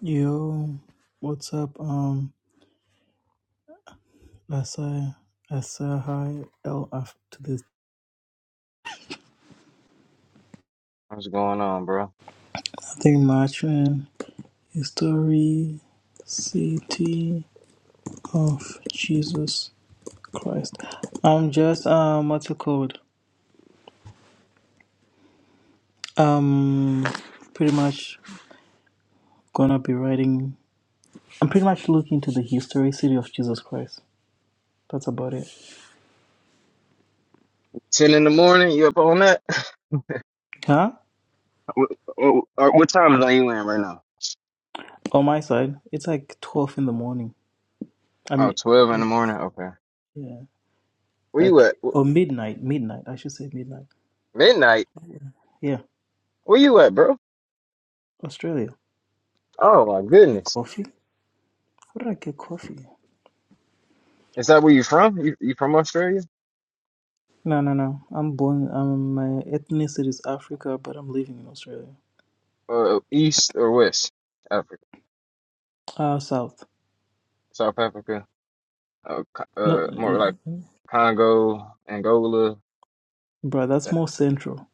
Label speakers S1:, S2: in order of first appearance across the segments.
S1: Yo, what's up? Um, Lassa, Lassa, hi, L after this.
S2: What's going on, bro?
S1: Nothing much, man. History, city of Jesus Christ. I'm just um, what's it called? Um, pretty much gonna be writing. I'm pretty much looking to the history city of Jesus Christ. That's about it.
S2: Ten in the morning? You up on that?
S1: Huh?
S2: What, what, what time zone you in right now?
S1: On my side, it's like twelve in the morning. I
S2: Oh,
S1: mean,
S2: 12 in the
S1: it,
S2: morning. Okay.
S1: yeah,
S2: Where you
S1: like
S2: at?
S1: or
S2: Wh-
S1: midnight. Midnight. I should say midnight.
S2: Midnight.
S1: Yeah,
S2: Where you at, bro?
S1: Australia.
S2: Oh my goodness.
S1: Coffee? How did I get coffee?
S2: Is that where you from? You, you from Australia
S1: No, no, no. I'm born. Um, my ethnicity is Africa, but I'm living in Australia.
S2: or uh, East or West Africa?
S1: Uh South.
S2: South Africa? Uh, Co-
S1: Not
S2: uh more
S1: yeah,
S2: like Congo, Angola.
S1: bro. That's
S2: That-
S1: more central.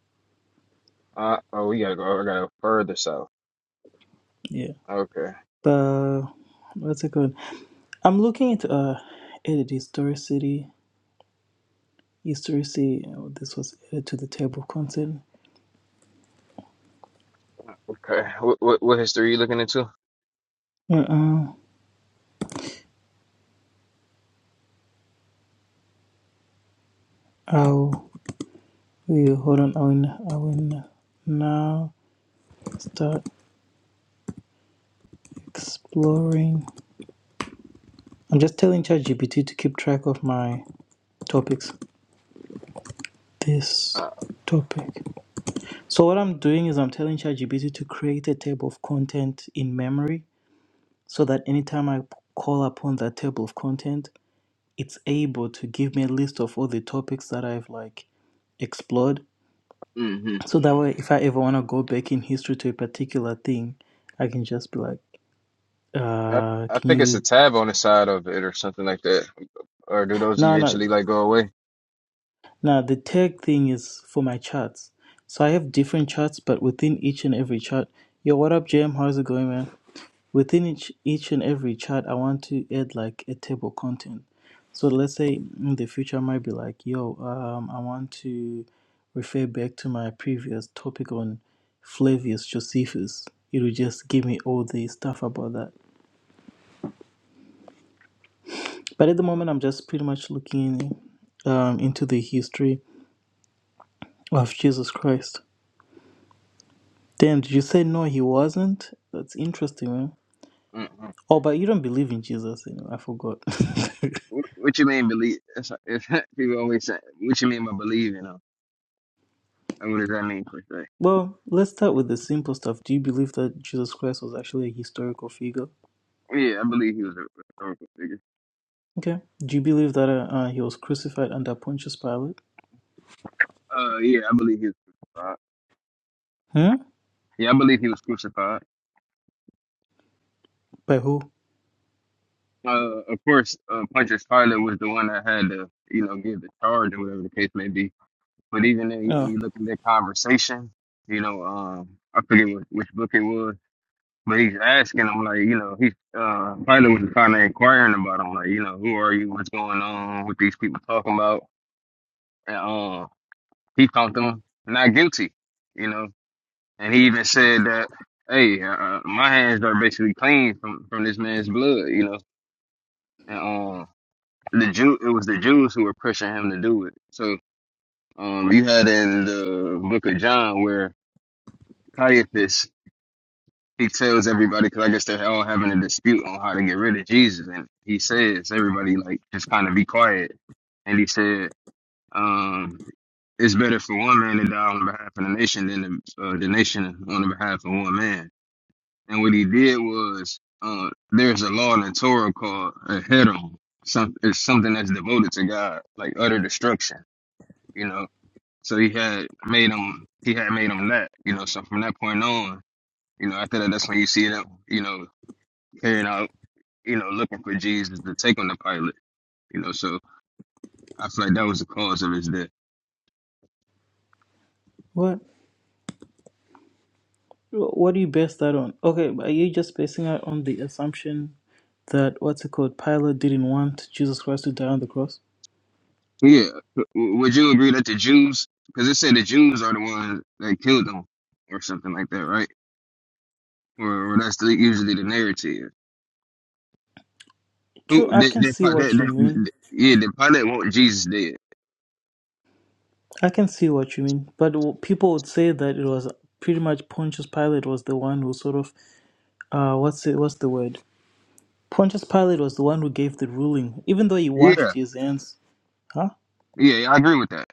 S2: Uh, oh, we gotta go. I gotta go further south.
S1: Yeah.
S2: Okay.
S1: But what's it called? I'm looking into uh, edit historicity. Historicity. Oh, this was added to the table of content.
S2: Okay. What what, what history you looking into?
S1: Uh-uh. I'll we hold on. I will. I will now start exploring. I'm just telling ChatGPT to keep track of my topics this
S2: Uh,
S1: topic so what i'm doing is i'm telling chatgpt to create a table of content in memory so that anytime I call upon that table of content it's able to give me a list of all the topics that i've like explored
S2: mhm.
S1: so that way if i ever want to go back in history to a particular thing i can just be like
S2: I,
S1: uh
S2: I
S1: can
S2: think it's a
S1: you
S2: tab on the side of it or something like that. Or do those
S1: no no
S2: eventually like go away?
S1: Now the tag thing is for my charts. So I have different charts, but within each and every chart, yo, what up, Jam? How's it going, man? Within each each and every chart, I want to add like a table content. So let's say in the future, I might be like, yo, um, I want to refer back to my previous topic on Flavius Josephus. It will just give me all the stuff about that. But at the moment, I'm just pretty much looking um, into the history of Jesus Christ. Damn, did you say no, he wasn't? That's interesting, man.
S2: Mm-mm.
S1: Oh, but you don't believe in Jesus anyway. I forgot.
S2: What, what you mean believe? It's, it's, people always say, "What you mean by believe?" You know, and what does that mean per se?
S1: well, let's start with the simple stuff. Do you believe that Jesus Christ was actually a historical figure?
S2: Yeah, I believe he was a historical figure.
S1: Okay. Do you believe that uh, uh, he was crucified under Pontius Pilate?
S2: Uh, yeah, I believe he was crucified.
S1: Hmm?
S2: Yeah, I believe he was crucified.
S1: By who?
S2: Uh, of course, uh, Pontius Pilate was the one that had to, you know, give the charge or whatever the case may be. But even then, when
S1: Oh,
S2: you look at their conversation, you know, um, I forget what, which book it was But he's asking him like, you know, he's uh Pilate was kind of inquiring about him, like, you know, who are you? What's going on? What these people talking about? And um, he found them not guilty, you know. And he even said that, hey, uh, uh, my hands are basically clean from from this man's blood, you know. And um, the Jew, it was the Jews who were pushing him to do it. So um, you had in the book of John where Caiaphas he tells everybody because I guess they're all having a dispute on how to get rid of Jesus, and he says everybody like just kind of be quiet, and he said um, it's better for one man to die on behalf of the nation than the, uh, the nation on the behalf of one man. And what he did was uh, there's a law in the Torah called a hedon, some it's something that's devoted to God, like utter destruction, you know. So he had made him he had made him that, you know. So from that point on, you know, after that, that's when you see that, you know, carrying out, you know, looking for Jesus to take on the Pilate. You know, so I feel like that was the cause of his death.
S1: what? Wh- What do you base that on? Okay, but are you just basing it on the assumption that what's it called? Pilate didn't want Jesus Christ to die on the cross?
S2: Yeah, w- would you agree that the Jews, because it said the Jews are the ones that killed him, or something like that, right? Or, or that's the, usually the narrative.
S1: True,
S2: Who
S1: I
S2: that
S1: can
S2: that,
S1: see
S2: that,
S1: what you
S2: that,
S1: mean.
S2: that yeah, the Pilate want Jesus dead.
S1: I can see what you mean, but w- people would say that it was pretty much Pontius Pilate was the one who sort of uh what's it what's the word? Pontius Pilate was the one who gave the ruling, even though he washed
S2: Yeah,
S1: his hands, huh?
S2: yeah, yeah, I agree with that.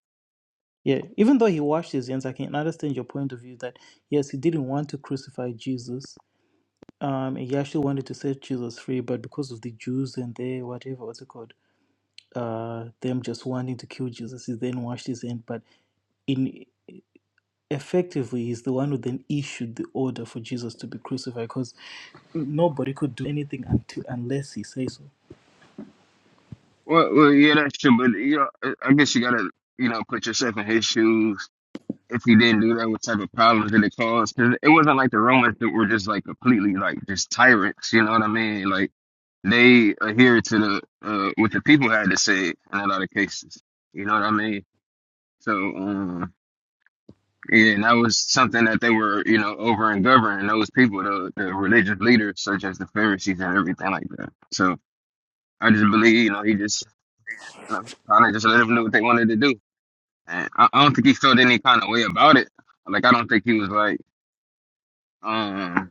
S1: Yeah, even though he washed his hands, I can understand your point of view that yes, he didn't want to crucify Jesus. Um, he actually wanted to set Jesus free, but because of the Jews and their whatever what's it called, uh, them just wanting to kill Jesus, he then washed his hand. But in effectively he's the one who then issued the order for Jesus to be crucified because nobody could do anything until unless he says so.
S2: Well, well, yeah, that's true, but you know, I I guess you gotta, you know, put yourself in his shoes if you didn't do that, what type of problems did it cause? Because it wasn't like the Romans that were just like completely like just tyrants. You know what I mean? Like they adhered to the uh, what the people had to say in a lot of cases. You know what I mean? So um, yeah, and that was something that they were you know over and governing those people, the the religious leaders such as the Pharisees and everything like that. So I just believe you know he just uh, kind of just let them do what they wanted to do. And I, I don't think he felt any kind of way about it. Like I don't think he was like. um.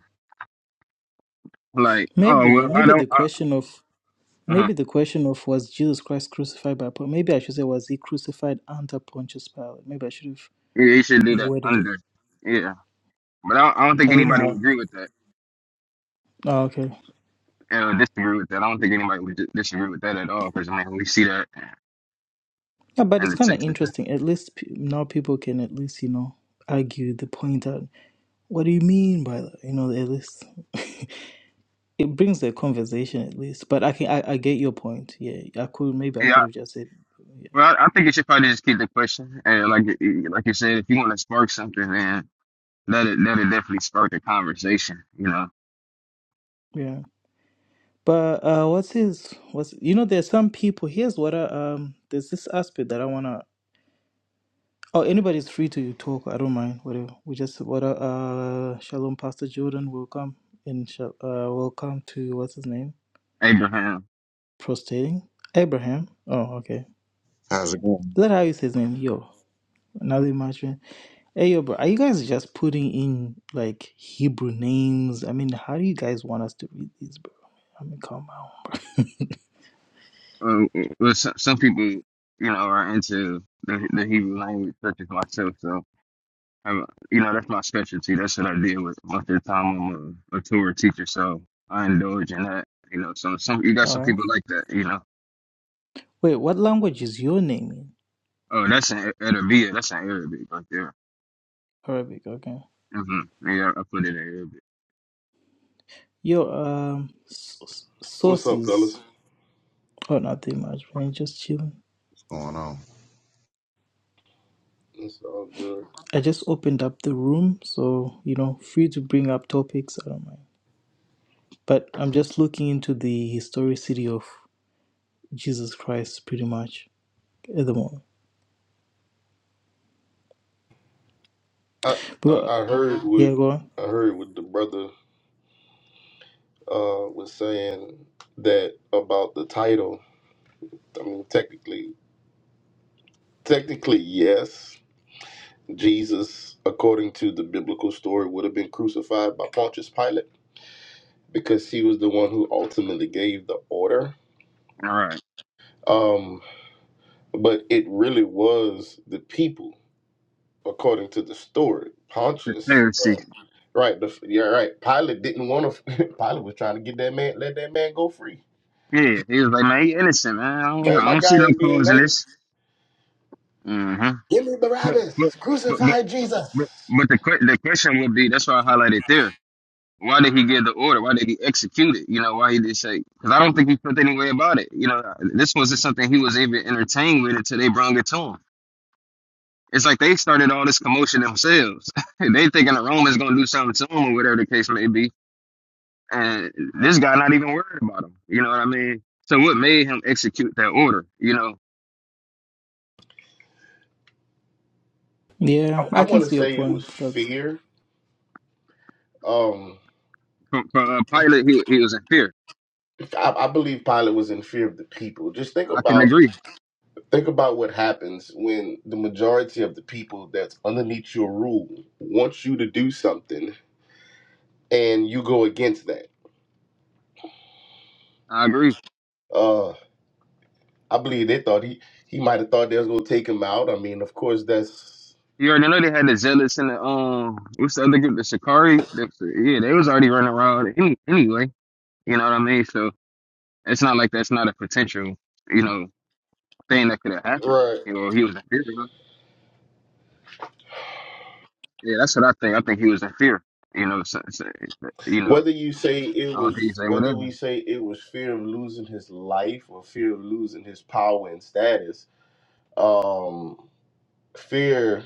S2: Like,
S1: Maybe
S2: oh
S1: yeah,
S2: well, I
S1: maybe the
S2: don't. Uh,
S1: question of
S2: uh
S1: maybe the question of was Jesus Christ crucified by Pon- maybe I should say was he crucified under Pontius Pilate? Maybe I should have
S2: Yeah, you should do that
S1: worded it.
S2: under. Yeah, but I, I don't think
S1: I don't know
S2: anybody would
S1: how.
S2: agree with that
S1: Oh, okay,
S2: or disagree with that. I don't think anybody would di- disagree with that at all. Because I mean, we see that
S1: yeah, but
S2: in
S1: it's
S2: the
S1: kind of
S2: sixes.
S1: interesting. At least p- now people can at least you know argue the point out. What do you mean by that? You know, at least. it brings the conversation at least. But I can I, I get your point. Yeah, I could maybe I
S2: Yeah,
S1: could have just said yeah
S2: well, I, I think it should probably just keep the question. And like, you- you- like you said, if you want to spark something, then let it let it definitely spark the conversation. You know,
S1: yeah. But uh, what's his what's you know there's some people. Here's what I, um there's this aspect that I wanna. Oh, anybody's free to talk. I don't mind. Whatever. We just what uh uh, shalom, Pastor Jordan. Welcome and shal- uh welcome to what's his name?
S2: Abraham.
S1: Prostrating Abraham. Oh, okay.
S3: How's it going?
S1: Is that how you say his name? Yo, another much. Hey, yo, bro, are you guys just putting in like Hebrew names? I mean, how do you guys want us to read these, bro? I mean, come on.
S2: Uh, uh, well, some, some people, you know, are into the, the Hebrew language, such as myself. So I'm, you know, that's my specialty. That's what I did with most of the time. I'm a, a tour teacher, so I indulge in that. You know, so some you got
S1: All
S2: some
S1: right.
S2: people like that. You know,
S1: Wait, what language is your name in?
S2: oh, that's an Arabia. That's an Arabic right there.
S1: Arabic, okay.
S2: hmm Yeah, I put it in Arabic.
S1: Your um s- s-
S4: What's up, fellas?
S1: sources. Oh, nothing much, man. Just chilling.
S3: What's going on?
S4: It's all good.
S1: I just opened up the room, so you know, free to bring up topics. I don't mind. But I'm just looking into the historicity of Jesus Christ, pretty much at the moment.
S4: I,
S1: But
S4: I I heard
S1: yeah,
S4: what
S1: go on.
S4: I heard what the brother uh was saying that about the title. I mean, technically, technically, yes, Jesus, according to the biblical story, would have been crucified by Pontius Pilate because he was the one who ultimately gave the order.
S2: All right,
S4: Um, but it really was the people, according to the story.
S2: the
S4: Pontius
S2: Pharisee.
S4: Right. The, you right. Pilot didn't want to. Pilot was trying to get that man, let that man go free.
S2: Yeah, he was like, man, he innocent, man. I don't,
S4: Man,
S2: I
S4: my
S2: don't see
S4: guy
S2: no
S4: ain't doing
S2: cause in
S4: nothing.
S2: this. hmm
S4: Give me
S2: But,
S4: Barabbas.
S2: but, but, but,
S4: Crucify Jesus.
S2: but, but the que- the question would be, that's why I highlighted there Why did he give the order? Why did he execute it? You know, why he did say? Because I don't think he felt any way about it. You know, this wasn't something he was even entertained with until they brought it to him. It's like they started all this commotion themselves. they thinking the Romans gonna do something to him or whatever the case may be, and this guy not even worried about him. You know what I mean? So what made him execute that order? You know,
S4: I,
S1: Yeah,
S4: I
S1: I can
S4: want to
S1: see your
S4: say it was
S1: point. That's
S4: fear. Um,
S2: for, for uh, Pilate, he he was in fear.
S4: I, I believe Pilate was in fear of the people. Just think
S2: I can
S4: about
S2: agree.
S4: think about what happens when the majority of the people that's underneath your rule wants you to do something and you go against that.
S2: I agree.
S4: Uh, I believe they thought he he might have thought they was gonna take him out. I mean, of course, that's
S2: You already know they had the zealots and the um, what's the other group? The Shikari. The- Yeah, they was already running around any, anyway. You know what I mean? So it's not like that's not a potential, you know, thing that could have happened.
S4: right.
S2: You know, he was in fear. of Yeah, that's what I think. I think he was in fear. You know, so, so, you know,
S4: Whether you say it
S2: I don't think he
S4: was,
S2: say
S4: whether
S2: whatever.
S4: we say it was fear of losing his life or fear of losing his power and status, um, fear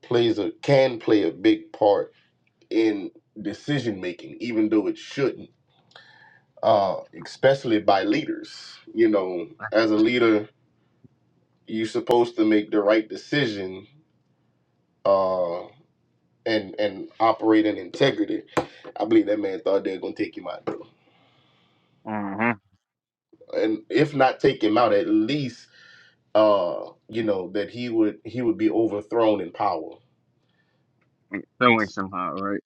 S4: plays a can play a big part in decision making, even though it shouldn't. Uh, especially by leaders. You know, as a leader, you're supposed to make the right decision. Uh, and and operate in integrity. I believe that man thought they were gonna take him out, though.
S2: Mm-hmm.
S4: and if not take him out, at least uh, you know, that he would he would be overthrown in power.
S2: So way somehow, right?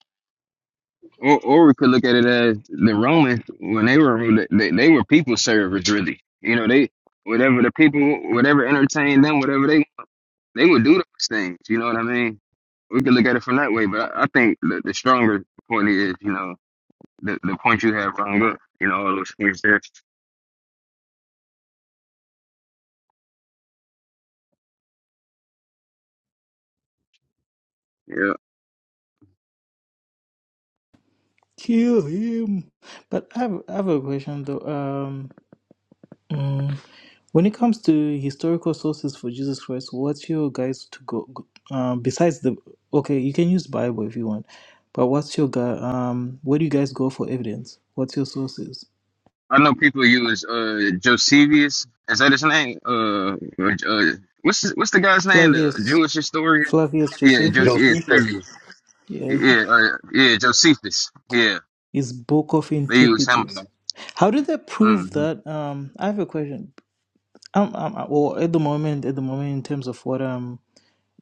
S2: Or or we could look at it as the Romans when they were ruled, they, they were people servers really. You know, they whatever the people whatever entertained them, whatever they they would do those things. You know what I mean? We could look at it from that way, but I, I think the, the stronger point is, you know, the, the point you have rung up, you know, all those things there. Yeah.
S1: Kill him. But I have, I have a question though. Um, mm, when it comes to historical sources for Jesus Christ, what's your guys to go? go- Um, besides the okay, you can use Bible if you want, but what's your guy? Um, where do you guys go for evidence? What's your sources?
S2: I know people use uh Josevius. Is that his name? Uh, uh what's his, what's the guy's name? The
S1: Flavius,
S2: Jewish historian?
S1: Flavius
S2: Yeah, jo-
S1: Josephus.
S2: yeah,
S4: Josephus.
S2: Flavius.
S1: Yeah,
S2: yeah, uh, yeah, Josephus. Yeah,
S1: his Book of
S2: they use him. a
S1: Antiquities.
S2: lot.
S1: How did they prove
S2: Mhm.
S1: that? Um, I have a question. Um, um, well, at the moment, at the moment, in terms of what I'm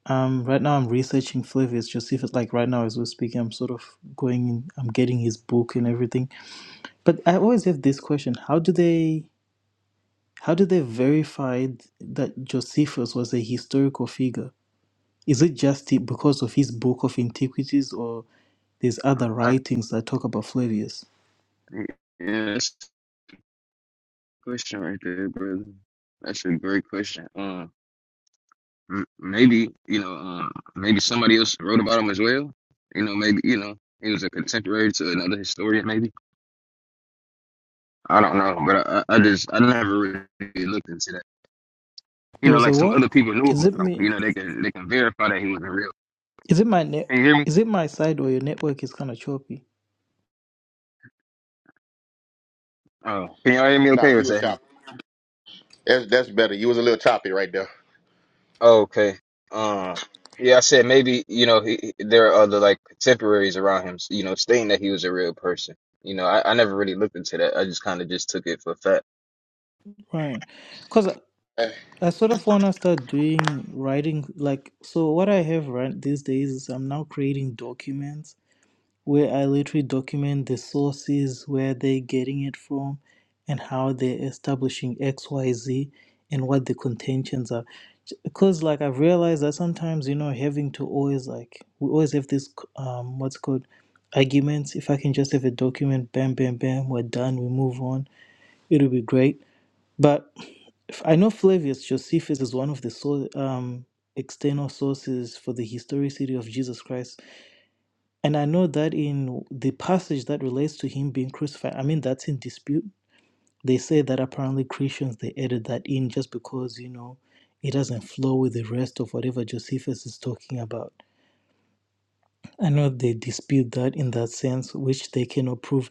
S1: Um, right now I'm researching Flavius Josephus. Like right now as we're speaking, I'm sort of going in, I'm getting his book and everything. But I always have this question: How do they, how do they verify that Josephus was a historical figure? Is it just he- because of his book of antiquities, or there's other
S2: Uh,
S1: writings that talk about Flavius?
S2: Yeah, that's a question right there, brother. That's a great question. Um, m- maybe you know, um, maybe somebody else wrote about him as well. You know, maybe you know, he was a contemporary to another historian, maybe. I don't know, but I, I just I never really looked into that. You
S1: There
S2: know,
S1: was a
S2: like some
S1: what?
S2: other people knew
S1: Is it
S2: about him.
S1: me?
S2: You know, they can they can verify that he was a real.
S1: Is it my net?
S2: Can you hear me?
S1: Is it my side or your network is kind of choppy?
S2: Oh, can y'all hear me?
S4: Nah,
S2: Okay, or
S4: he
S2: is
S4: was
S2: that him?
S4: choppy. That's that's better. You was a little choppy right there.
S2: Oh, okay. Uh, yeah, I said maybe you know he, there are other like contemporaries around him. You know, stating that he was a real person. You know, I, I never really looked into that. I just kind of just took it for fact.
S1: Right, because
S4: Eh,
S1: I sort of want to start doing writing like so what I have right these days is I'm now creating documents where I literally document the sources where they're getting it from and how they're establishing XYZ and what the contentions are. Because like I've realized that sometimes you know having to always like we always have this um what's it called arguments. If I can just have a document, bam bam bam, we're done, we move on, it'll be great but f- I know Flavius Josephus is one of the so, um, external sources for the historicity of Jesus Christ. And I know that in the passage that relates to him being crucified, I mean, that's in dispute. They say that apparently Christians, they added that in just because, you know, it doesn't flow with the rest of whatever Josephus is talking about. I know they dispute that in that sense, which they cannot prove.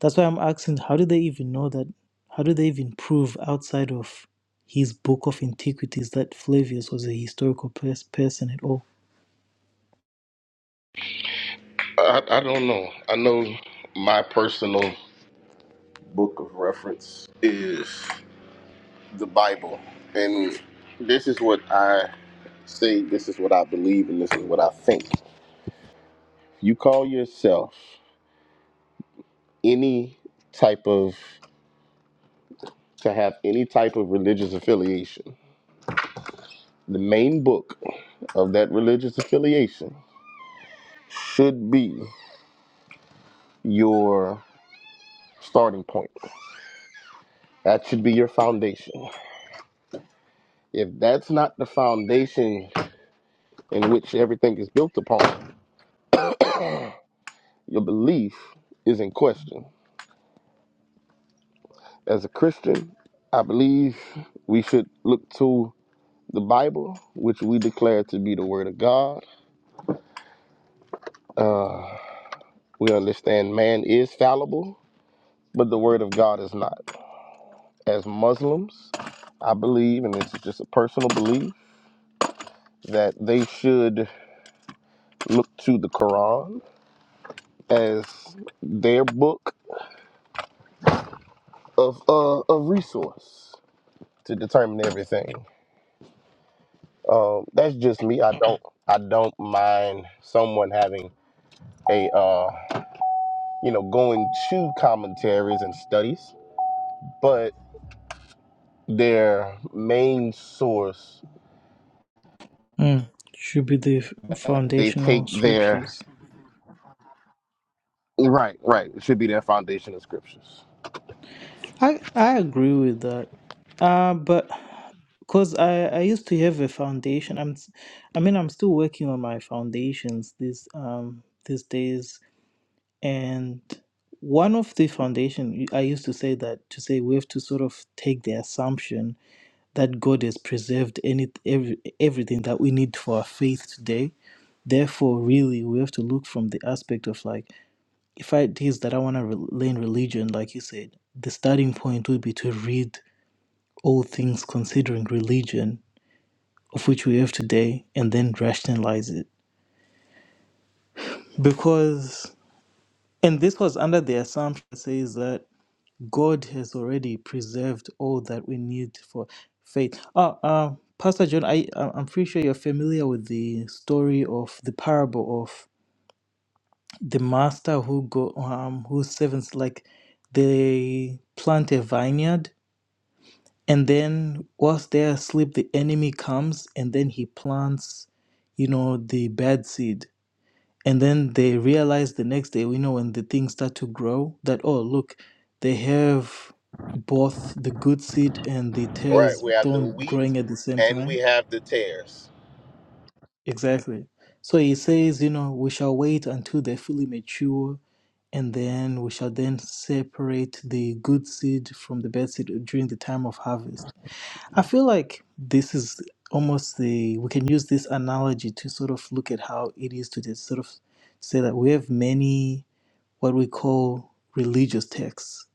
S1: That's why I'm asking, how do they even know that? How do they even prove outside of his book of antiquities that Flavius was a historical pers- person at all?
S4: I, I don't know. I know my personal book of reference is the Bible, and this is what I say. This is what I believe, and this is what I think. You call yourself any type of to have any type of religious affiliation. The main book of that religious affiliation should be your starting point. That should be your foundation. If that's not the foundation in which everything is built upon, your belief is in question. As a Christian, I believe we should look to the Bible, which we declare to be the Word of God. Uh, we understand man is fallible, but the Word of God is not. As Muslims, I believe, and this is just a personal belief, that they should look to the Quran as their book of uh, of resource to determine everything. Um, that's just me. I don't I don't mind someone having a uh, you know going to commentaries and studies, but their main source
S1: Mm, should be the f-
S4: they
S1: foundational
S4: take their
S1: scriptures.
S4: right right it should be their foundation of scriptures.
S1: I, I agree with that. Uh, but because I, I used to have a foundation. I'm, s- I mean, I'm still working on my foundations these um these days And one of the foundation I used to say that to say we have to sort of take the assumption that God has preserved any every, everything that we need for our faith today. Therefore, really, we have to look from the aspect of like, if I it is that I want to re- learn religion, like you said, the starting point would be to read all things considering religion, of which we have today, and then rationalize it. Because, and this was under the assumption that says that God has already preserved all that we need for faith. Oh, uh, Pastor John, I I- I'm pretty sure you're familiar with the story of the parable of the master who go um whose servants like they plant a vineyard and then whilst they're asleep the enemy comes and then he plants you know the bad seed and then they realize the next day We know when the things start to grow that oh look they have both the good seed and the
S4: Right,
S1: tares
S4: we have the
S1: thorn
S4: wheat
S1: growing at the same
S4: and we
S1: time
S4: have the tares.
S1: exactly so he says you know we shall wait until they fully mature and then we shall then separate the good seed from the bad seed during the time of harvest i feel like this is almost the we can use this analogy to sort of look at how it is to just sort of say that we have many what we call religious texts.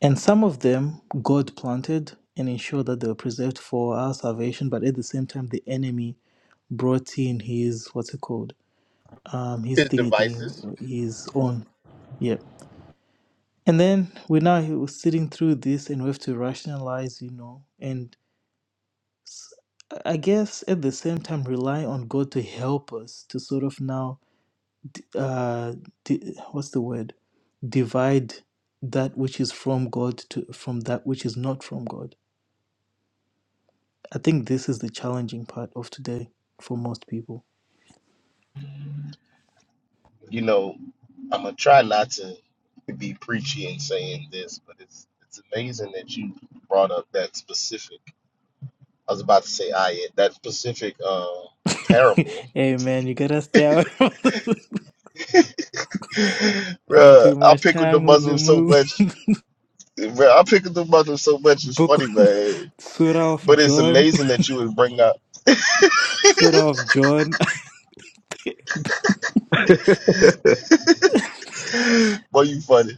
S1: And some of them God planted and ensured that they were preserved for our salvation, but at the same time, the enemy brought in his, what's it called? Um, his
S4: His
S1: thingy
S4: devices,
S1: thingy, his own. Yep. And then we're now sitting through this and we have to rationalize, you know, and I I guess at the same time rely on God to help us to sort of now uh, di- what's the word? Divide that which is from God to from that which is not from God. I think this is the challenging part of today for most people.
S4: you know, I'm gonna try not to be preachy in saying this, but it's it's amazing that you brought up that specific. I was about to say ayat, that specific uh, parable.
S1: hey man, you gotta stay away from spending
S4: Bruh,
S1: too
S4: I
S1: much
S4: pick with the
S1: time with the
S4: Muslims so
S1: movie
S4: much. Bruh, I pick with the Muslims so much. It's
S1: book
S4: funny,
S1: on
S4: man.
S1: Surah of
S4: But it's
S1: John.
S4: amazing that you would bring up.
S1: Surah of John.
S4: Boy, you funny.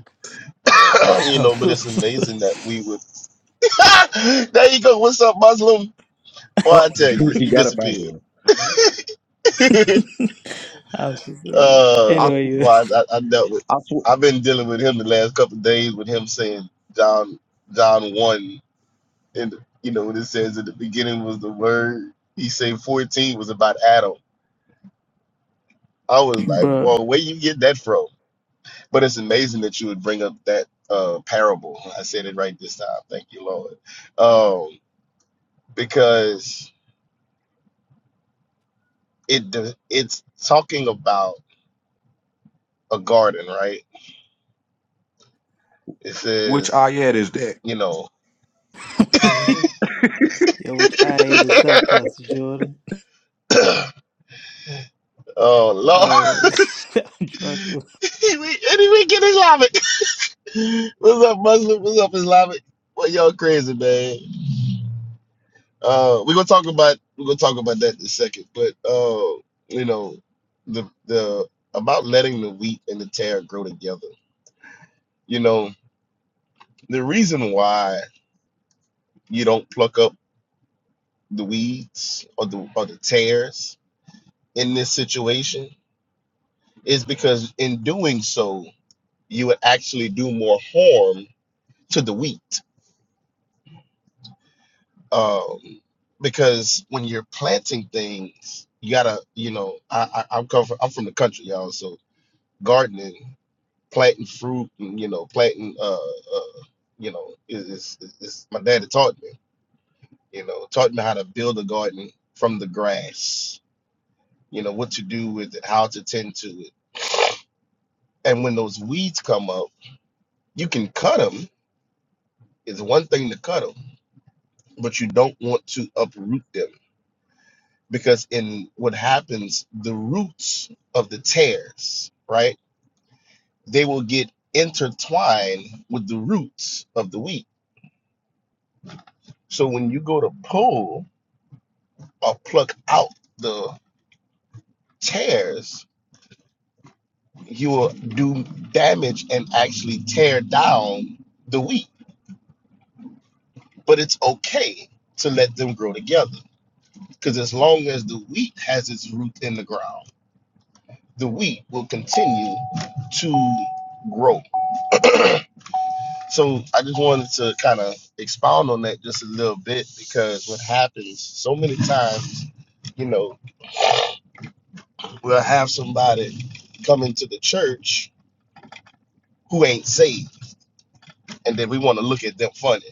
S4: you
S1: I'm
S4: know, but
S1: so
S4: it's
S1: sorry.
S4: amazing that we would. there you go. What's up, Muslim? Boy,
S3: Oh,
S4: I tell you, you
S3: you got up out of
S4: disappeared.
S3: here.
S1: I'm so sorry. man.
S4: Uh,
S3: I,
S1: Anyway,
S3: sw-
S1: you
S4: well, I, I, I dealt with.
S3: I sw-
S4: I've been dealing with him the last couple of days with him saying John John one and you know when it says in the beginning was the word. He said fourteen was about Adam. I was like,
S1: bro.
S4: whoa, where you get that from? But it's amazing that you would bring up that uh, parable. I said it right this time. Thank you, Lord. Um, because it de- it's talking about a garden, right? It
S3: which
S4: says,
S3: Ayat is that?
S4: you know.
S1: Yeah, which ayat is that, Pastor Jordan?
S4: Oh
S1: Oh,
S4: Lord.
S1: I'm joking.
S4: we, and we get Islamic. What's up, Muslim? What's up, Islamic? Well, y'all crazy, man. Uh we're gonna talk about we're gonna talk about that in a second. But uh, you know, the the about letting the wheat and the tear grow together. You know, the reason why you don't pluck up the weeds or the or the tears in this situation is because in doing so, you would actually do more harm to the wheat. um, because when you're planting things, you gotta, you know, I, I I'm come from, I'm from the country, y'all. So gardening, planting fruit, and you know, planting, uh, uh you know, is, is is is- my daddy taught me, you know, taught me how to build a garden from the grass, you know, what to do with it, how to tend to it, and when those weeds come up, you can cut them. It's one thing to cut them, but you don't want to uproot them because in what happens the roots of the tares right they will get intertwined with the roots of the wheat so when you go to pull or pluck out the tares you will do damage and actually tear down the wheat but it's okay to let them grow together because as long as the wheat has its root in the ground the wheat will continue to grow So I just wanted to kind of expound on that just a little bit because what happens so many times, you know, we'll have somebody come into the church who ain't saved, and then we want to look at them funny.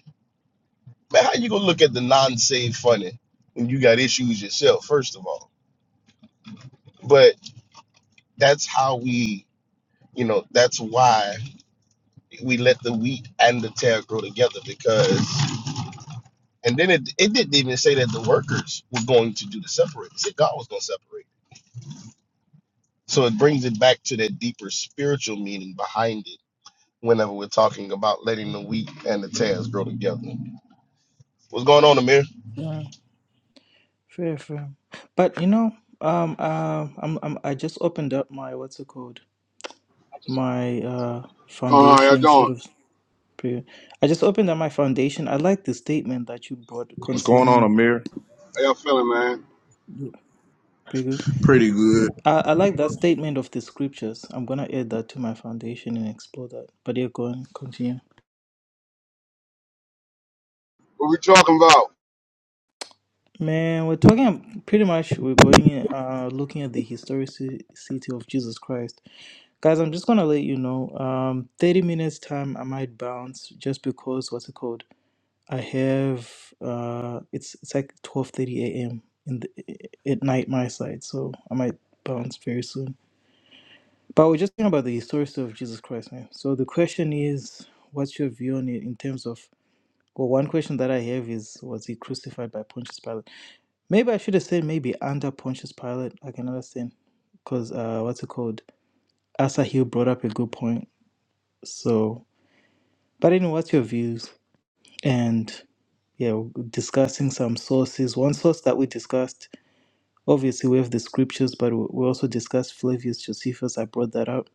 S4: Man, how you gonna look at the non-saved funny when you got issues yourself, first of all? But that's how we, you know, that's why we let the wheat and the tare grow together because. And then it, it didn't even say that the workers were going to do the separating. It said God was going to separate. So it brings it back to that deeper spiritual meaning behind it whenever we're talking about letting the wheat and the tares grow together. What's going on, Amir?
S1: Fair, fair. But you know, um, uh, I'm, I'm, I just opened up my what's it called? My uh
S5: Going on, how y'all
S1: foundation sort
S5: doing?
S1: of. pre- I just opened up my foundation. I like the statement that you brought
S3: What's going on,
S1: concerning.
S3: Amir?
S5: How y'all feeling, man?
S1: Pretty good.
S3: Pretty good,
S1: I, I like that statement of the scriptures. I'm gonna add that to my foundation and explore that. But yeah, go on, continue.
S5: What we talking about?
S1: Man, we're talking pretty much. We're going uh looking at the historicity of Jesus Christ. Guys, I'm just gonna let you know. Um, 30 minutes time, I might bounce just because what's it called? I have uh, it's it's like 12:30 a.m. in the at night my side, so I might bounce very soon. But we're just talking about the story of Jesus Christ, man. So the question is, what's your view on it in terms of? Well, one question that I have is, was he crucified by Pontius Pilate? Maybe I should have said maybe under Pontius Pilate. I can understand because uh, what's it called? Asa Hill brought up a good point. So But anyway, what's your views? And yeah, we discussing some sources. One source that we discussed, obviously, we have the scriptures, but we we also discussed Flavius Josephus. I brought that up.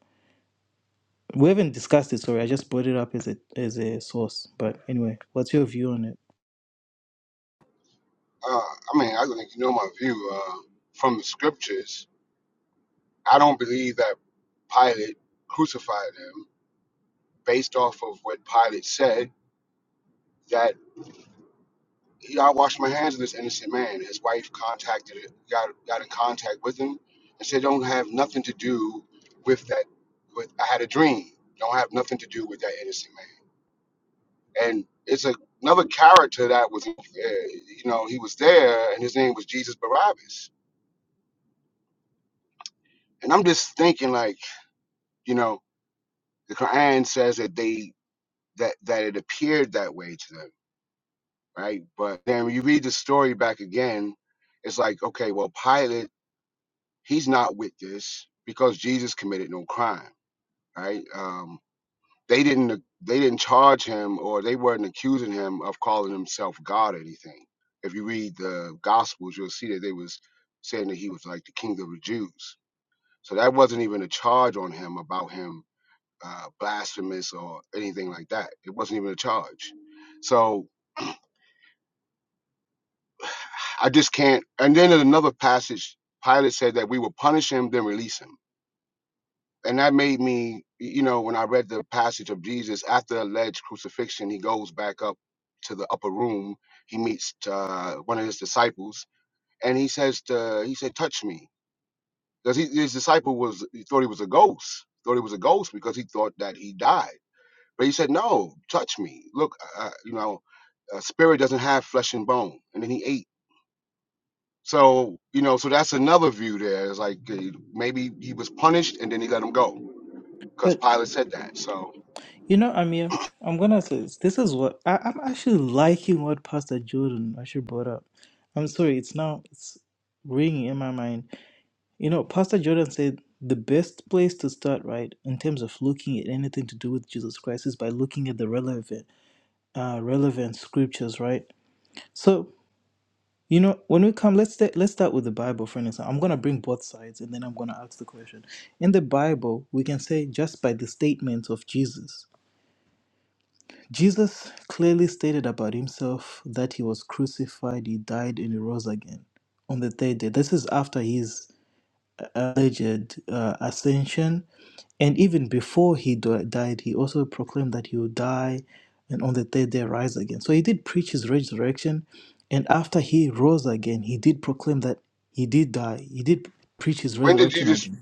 S1: We haven't discussed it. Sorry, I just brought it up as a as a source. But anyway, what's your view on it?
S5: Uh, I mean, I think you know my view uh, from the scriptures. I don't believe that Pilate crucified him based off of what Pilate said. That he, I washed my hands of this innocent man. His wife contacted, got got in contact with him, and said, "Don't have nothing to do with that. With I had a dream. Don't have nothing to do with that innocent man." and it's a, another character that was, uh, you know, he was there, and his name was Jesus Barabbas. And I'm just thinking, like, you know, the Quran says that they that that it appeared that way to them, right? But then when you read the story back again, it's like, okay, well, Pilate, he's not with this because Jesus committed no crime, right? Um, They didn't they didn't charge him or they weren't accusing him of calling himself God or anything. If you read the Gospels, you'll see that they was saying that he was like the king of the Jews. So that wasn't even a charge on him about him uh, blasphemous or anything like that. It wasn't even a charge. So I just can't. And then in another passage, Pilate said that we will punish him, then release him. and that made me, you know, when I read the passage of Jesus after alleged crucifixion, he goes back up to the upper room. He meets uh, one of his disciples, and he says to he said, "Touch me," because his disciple was he thought he was a ghost, thought he was a ghost because he thought that he died. But he said, "No, touch me. Look, uh, uh, you know, a spirit doesn't have flesh and bone." And then he ate. So you know, so that's another view there. It's like uh, maybe he was punished, and then he let him go because
S1: But
S5: Pilate said that. So
S1: you know, Amir, I'm gonna say this, this is what I, I'm actually liking what Pastor Jordan actually brought up. I'm sorry, it's now it's ringing in my mind You know, Pastor Jordan said the best place to start, right, in terms of looking at anything to do with Jesus Christ is by looking at the relevant, uh, relevant scriptures, right? So, you know, when we come, let's sta- let's start with the Bible, for instance. I'm gonna bring both sides, and then I'm gonna ask the question. In the Bible, we can say just by the statements of Jesus. Jesus clearly stated about himself that he was crucified, he died, and he rose again on the third day. This is after his uh, alleged uh, ascension And even before he di- died, he also proclaimed that he would die and on the third day rise again. So he did preach his resurrection. And after he rose again, he did proclaim that he did die. He did preach his
S5: When did
S1: resurrection
S5: Jesus?
S1: again.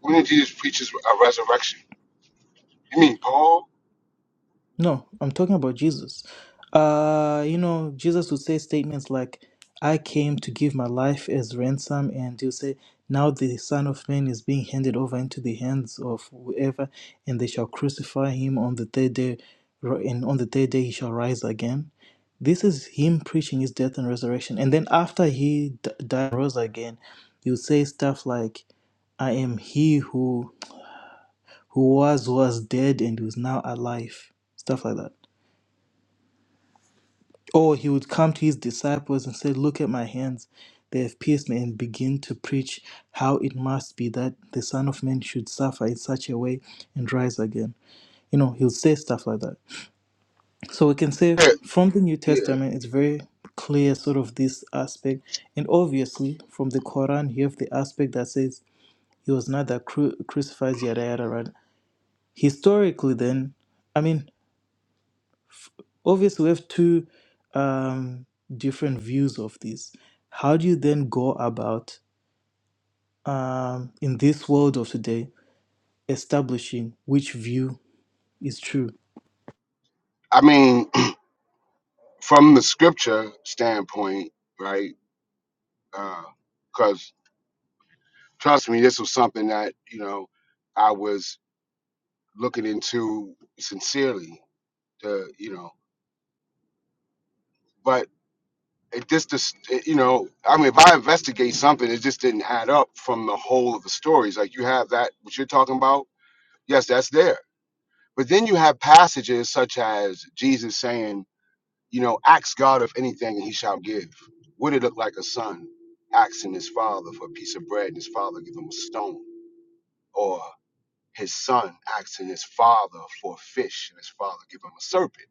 S5: When did Jesus preach his a resurrection? You mean Paul?
S1: No, I'm talking about Jesus. Uh, you know, Jesus would say statements like, I came to give my life as ransom, and he'll say, Now the Son of Man is being handed over into the hands of whoever, and they shall crucify him on the third day, ri- and on the third day he shall rise again. This is him preaching his death and resurrection. And then after he d- died and rose again, he'll say stuff like, I am he who who was was dead and who is now alive. Stuff like that. Or he would come to his disciples and say, Look at my hands, they have pierced me, and begin to preach how it must be that the Son of Man should suffer in such a way and rise again. You know, he'll say stuff like that. So we can say
S5: Yeah,
S1: from the New
S5: yeah.
S1: Testament, it's very clear, sort of, this aspect. And obviously, from the Quran, you have the aspect that says he was neither cru- crucified, yada, yada, right? Historically, then, I mean, Obviously, we have two um, different views of this. How do you then go about, um, in this world of today, establishing which view is true?
S5: I mean, from the scripture standpoint, right? Because trust me, this was something that you know I was looking into sincerely. To you know, but it just, just it- you know, I mean, if I investigate something, it just didn't add up from the whole of the stories. Like you have that what you're talking about. Yes, that's there. But then you have passages such as Jesus saying You know, ask God of anything and he shall give. Would it look like a son asking his father for a piece of bread and his father give him a stone? Or his son asking his father for a fish and his father give him a serpent?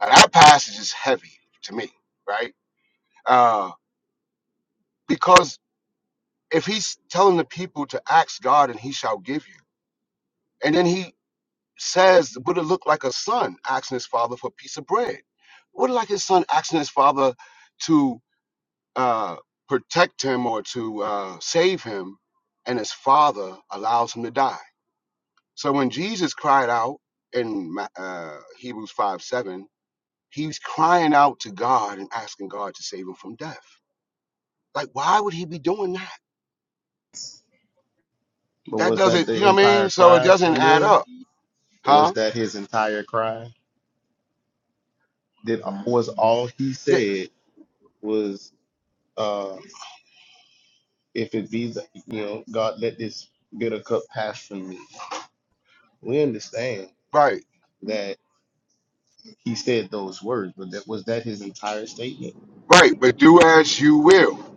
S5: Now, that passage is heavy to me, right? Uh, because if he's telling the people to ask God and he shall give you, and then he says, would it look like a son asking his father for a piece of bread? Would it like his son asking his father to uh, protect him or to uh, save him, and his father allows him to die. So when Jesus cried out in Ma- uh, Hebrews 5 7, he's crying out to God and asking God to save him from death. Like, why would he be doing that?
S4: But
S5: That
S4: was that
S5: doesn't, you
S4: the
S5: know what I mean?
S4: entire
S5: So it
S4: cry,
S5: doesn't add
S4: Amir?
S5: up, huh?
S4: Was that his entire cry? Did um, was all he
S5: Yeah,
S4: said was uh if it be the, you know, God let this bitter cup pass from me. We understand
S5: right,
S4: that he said those words, but that was that his entire statement.
S5: right. But do as you will,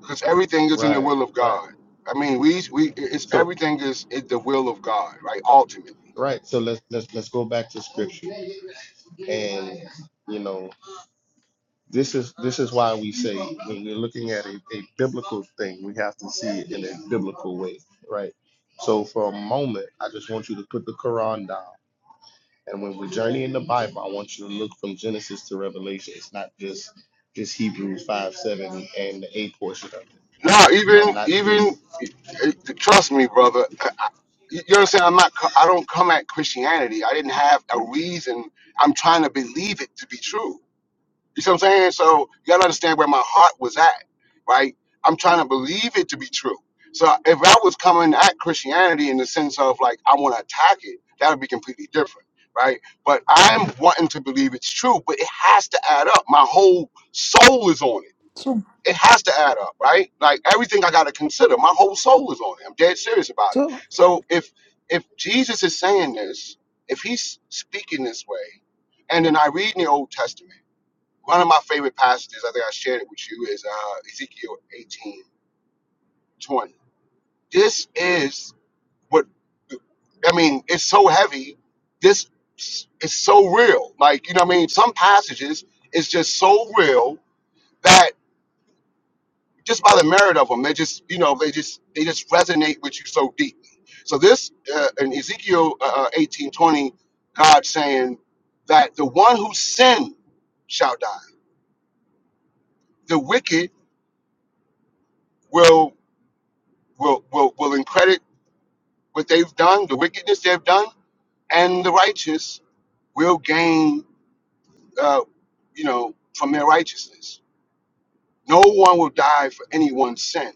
S5: because everything is in the
S4: Right,
S5: will of
S4: right.
S5: God. I mean, we, we, it's
S4: So
S5: everything is, is the will of God, right? Ultimately.
S4: right, so let's let's let's go back to scripture. and you know this is this is why we say when we're looking at a, a biblical thing we have to see it in a biblical way right so for a moment i just want you to put the quran down and when we're journeying the bible i want you to look from genesis to revelation it's not just just hebrews 5 7 and the a portion of it
S5: No, even
S4: or not just
S5: even trust me, brother. You understand? I'm not. co- I don't come at Christianity. I didn't have a reason. I'm trying to believe it to be true. You see what I'm saying? So you gotta understand where my heart was at, right? I'm trying to believe it to be true. So if I was coming at Christianity in the sense of like I want to attack it, that would be completely different, right? But I'm wanting to believe it's true, but it has to add up. My whole soul is on it
S1: So,
S5: it has to add up, right? Like everything I got to consider, my whole soul is on it. I'm dead serious about it.
S1: so,
S5: So if if Jesus is saying this, if he's speaking this way, and then I read in the Old Testament, one of my favorite passages, I think I shared it with you, is uh, Ezekiel 18 20. This is what I mean, it's so heavy. This is so real. Like, you know what I mean? Some passages is just so real that. just by the merit of them. They just, you know, they just they just resonate with you so deeply. So this uh, in Ezekiel uh, uh, eighteen twenty, God saying that the one who sinned shall die. The wicked will will will will credit what they've done, the wickedness they've done, and the righteous will gain, uh, you know, from their righteousness. No one will die for anyone's sin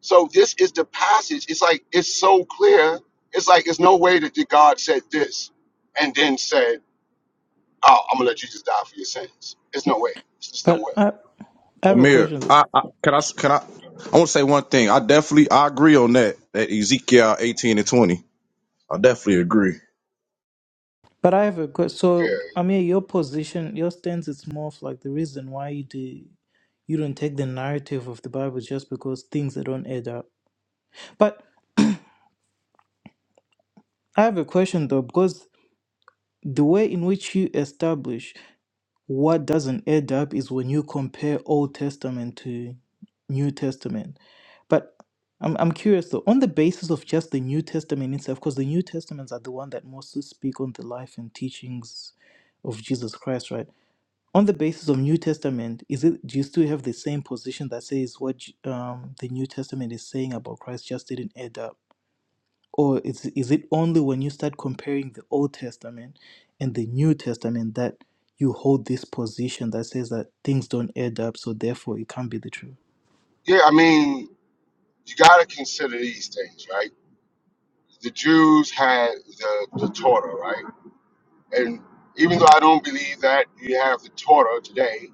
S5: So this is the passage. It's like it's so clear. It's like it's no way that that God said this and then said, "Oh, I'm gonna let you just die for your sins." It's no way. It's just no
S1: but
S5: way.
S1: I, I have a
S3: Amir.
S1: question. though.
S3: I, I can I s- can I? I want to say one thing. I definitely I agree on that. That Ezekiel eighteen and twenty. I definitely agree.
S1: But I have a question. So, I mean, your position, your stance is more of like the reason why you do you don't take the narrative of the Bible is just because things that don't add up. But I have a question though, because the way in which you establish. What doesn't add up is when you compare Old Testament to New Testament. But I'm, I'm curious though, on the basis of just the New Testament itself, because the New Testaments are the one that mostly speak on the life and teachings of Jesus Christ, right? On the basis of New Testament, is it do you still have the same position that says what um, the New Testament is saying about Christ just didn't add up? Or is, is it only when you start comparing the Old Testament and the New Testament that you hold this position that says that things don't add up, so therefore it can't be the truth?
S5: Yeah, yeah. I mean, you gotta consider these things, right? The Jews had the, the Torah, right? And even though I don't believe that you have the Torah today,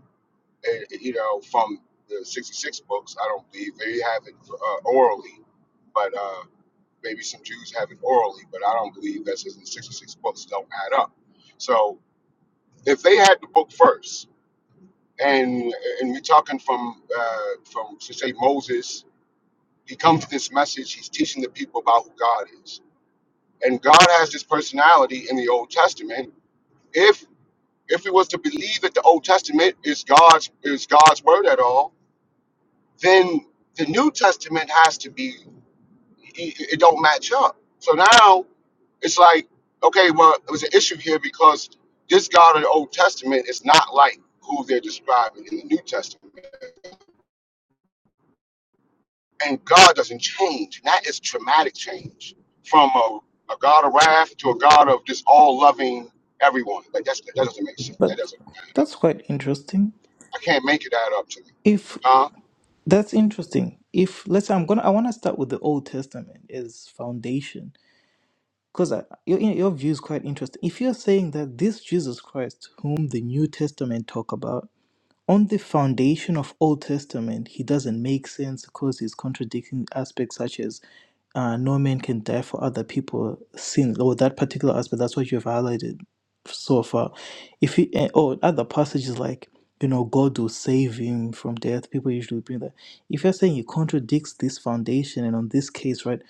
S5: eh, you know, from the 66 books, I don't believe they have it uh, orally. But Uh, Maybe some Jews have it orally, but I don't believe that says the 66 books don't add up. So if they had the book first, and and we're talking from uh, from to say Moses, he comes with this message. He's teaching the people about who God is, and God has this personality in the Old Testament. If if we was to believe that the Old Testament is God's is God's word at all, then the New Testament has to be It, it don't match up. So now it's like, okay, well, it was an issue here because this God of the Old Testament is not like who they're describing in the New Testament. And God doesn't change. And that is traumatic change from a, a God of wrath to a God of just all loving everyone. Like that's, that doesn't make sense.
S1: But
S5: That doesn't add up.
S1: that's quite interesting.
S5: I can't make it add up to me.
S1: If
S5: Huh?
S1: that's interesting, if let's say I'm gonna, I want to start with the Old Testament as foundation because your your view is quite interesting. If you're saying that this Jesus Christ, whom the New Testament talk about, on the foundation of Old Testament, he doesn't make sense because he's contradicting aspects such as uh, no man can die for other people sin or that particular aspect. That's what you've highlighted so far. If he eh, or other passages like you know God will save him from death, people usually bring that. If you're saying he contradicts this foundation, and on this case, right,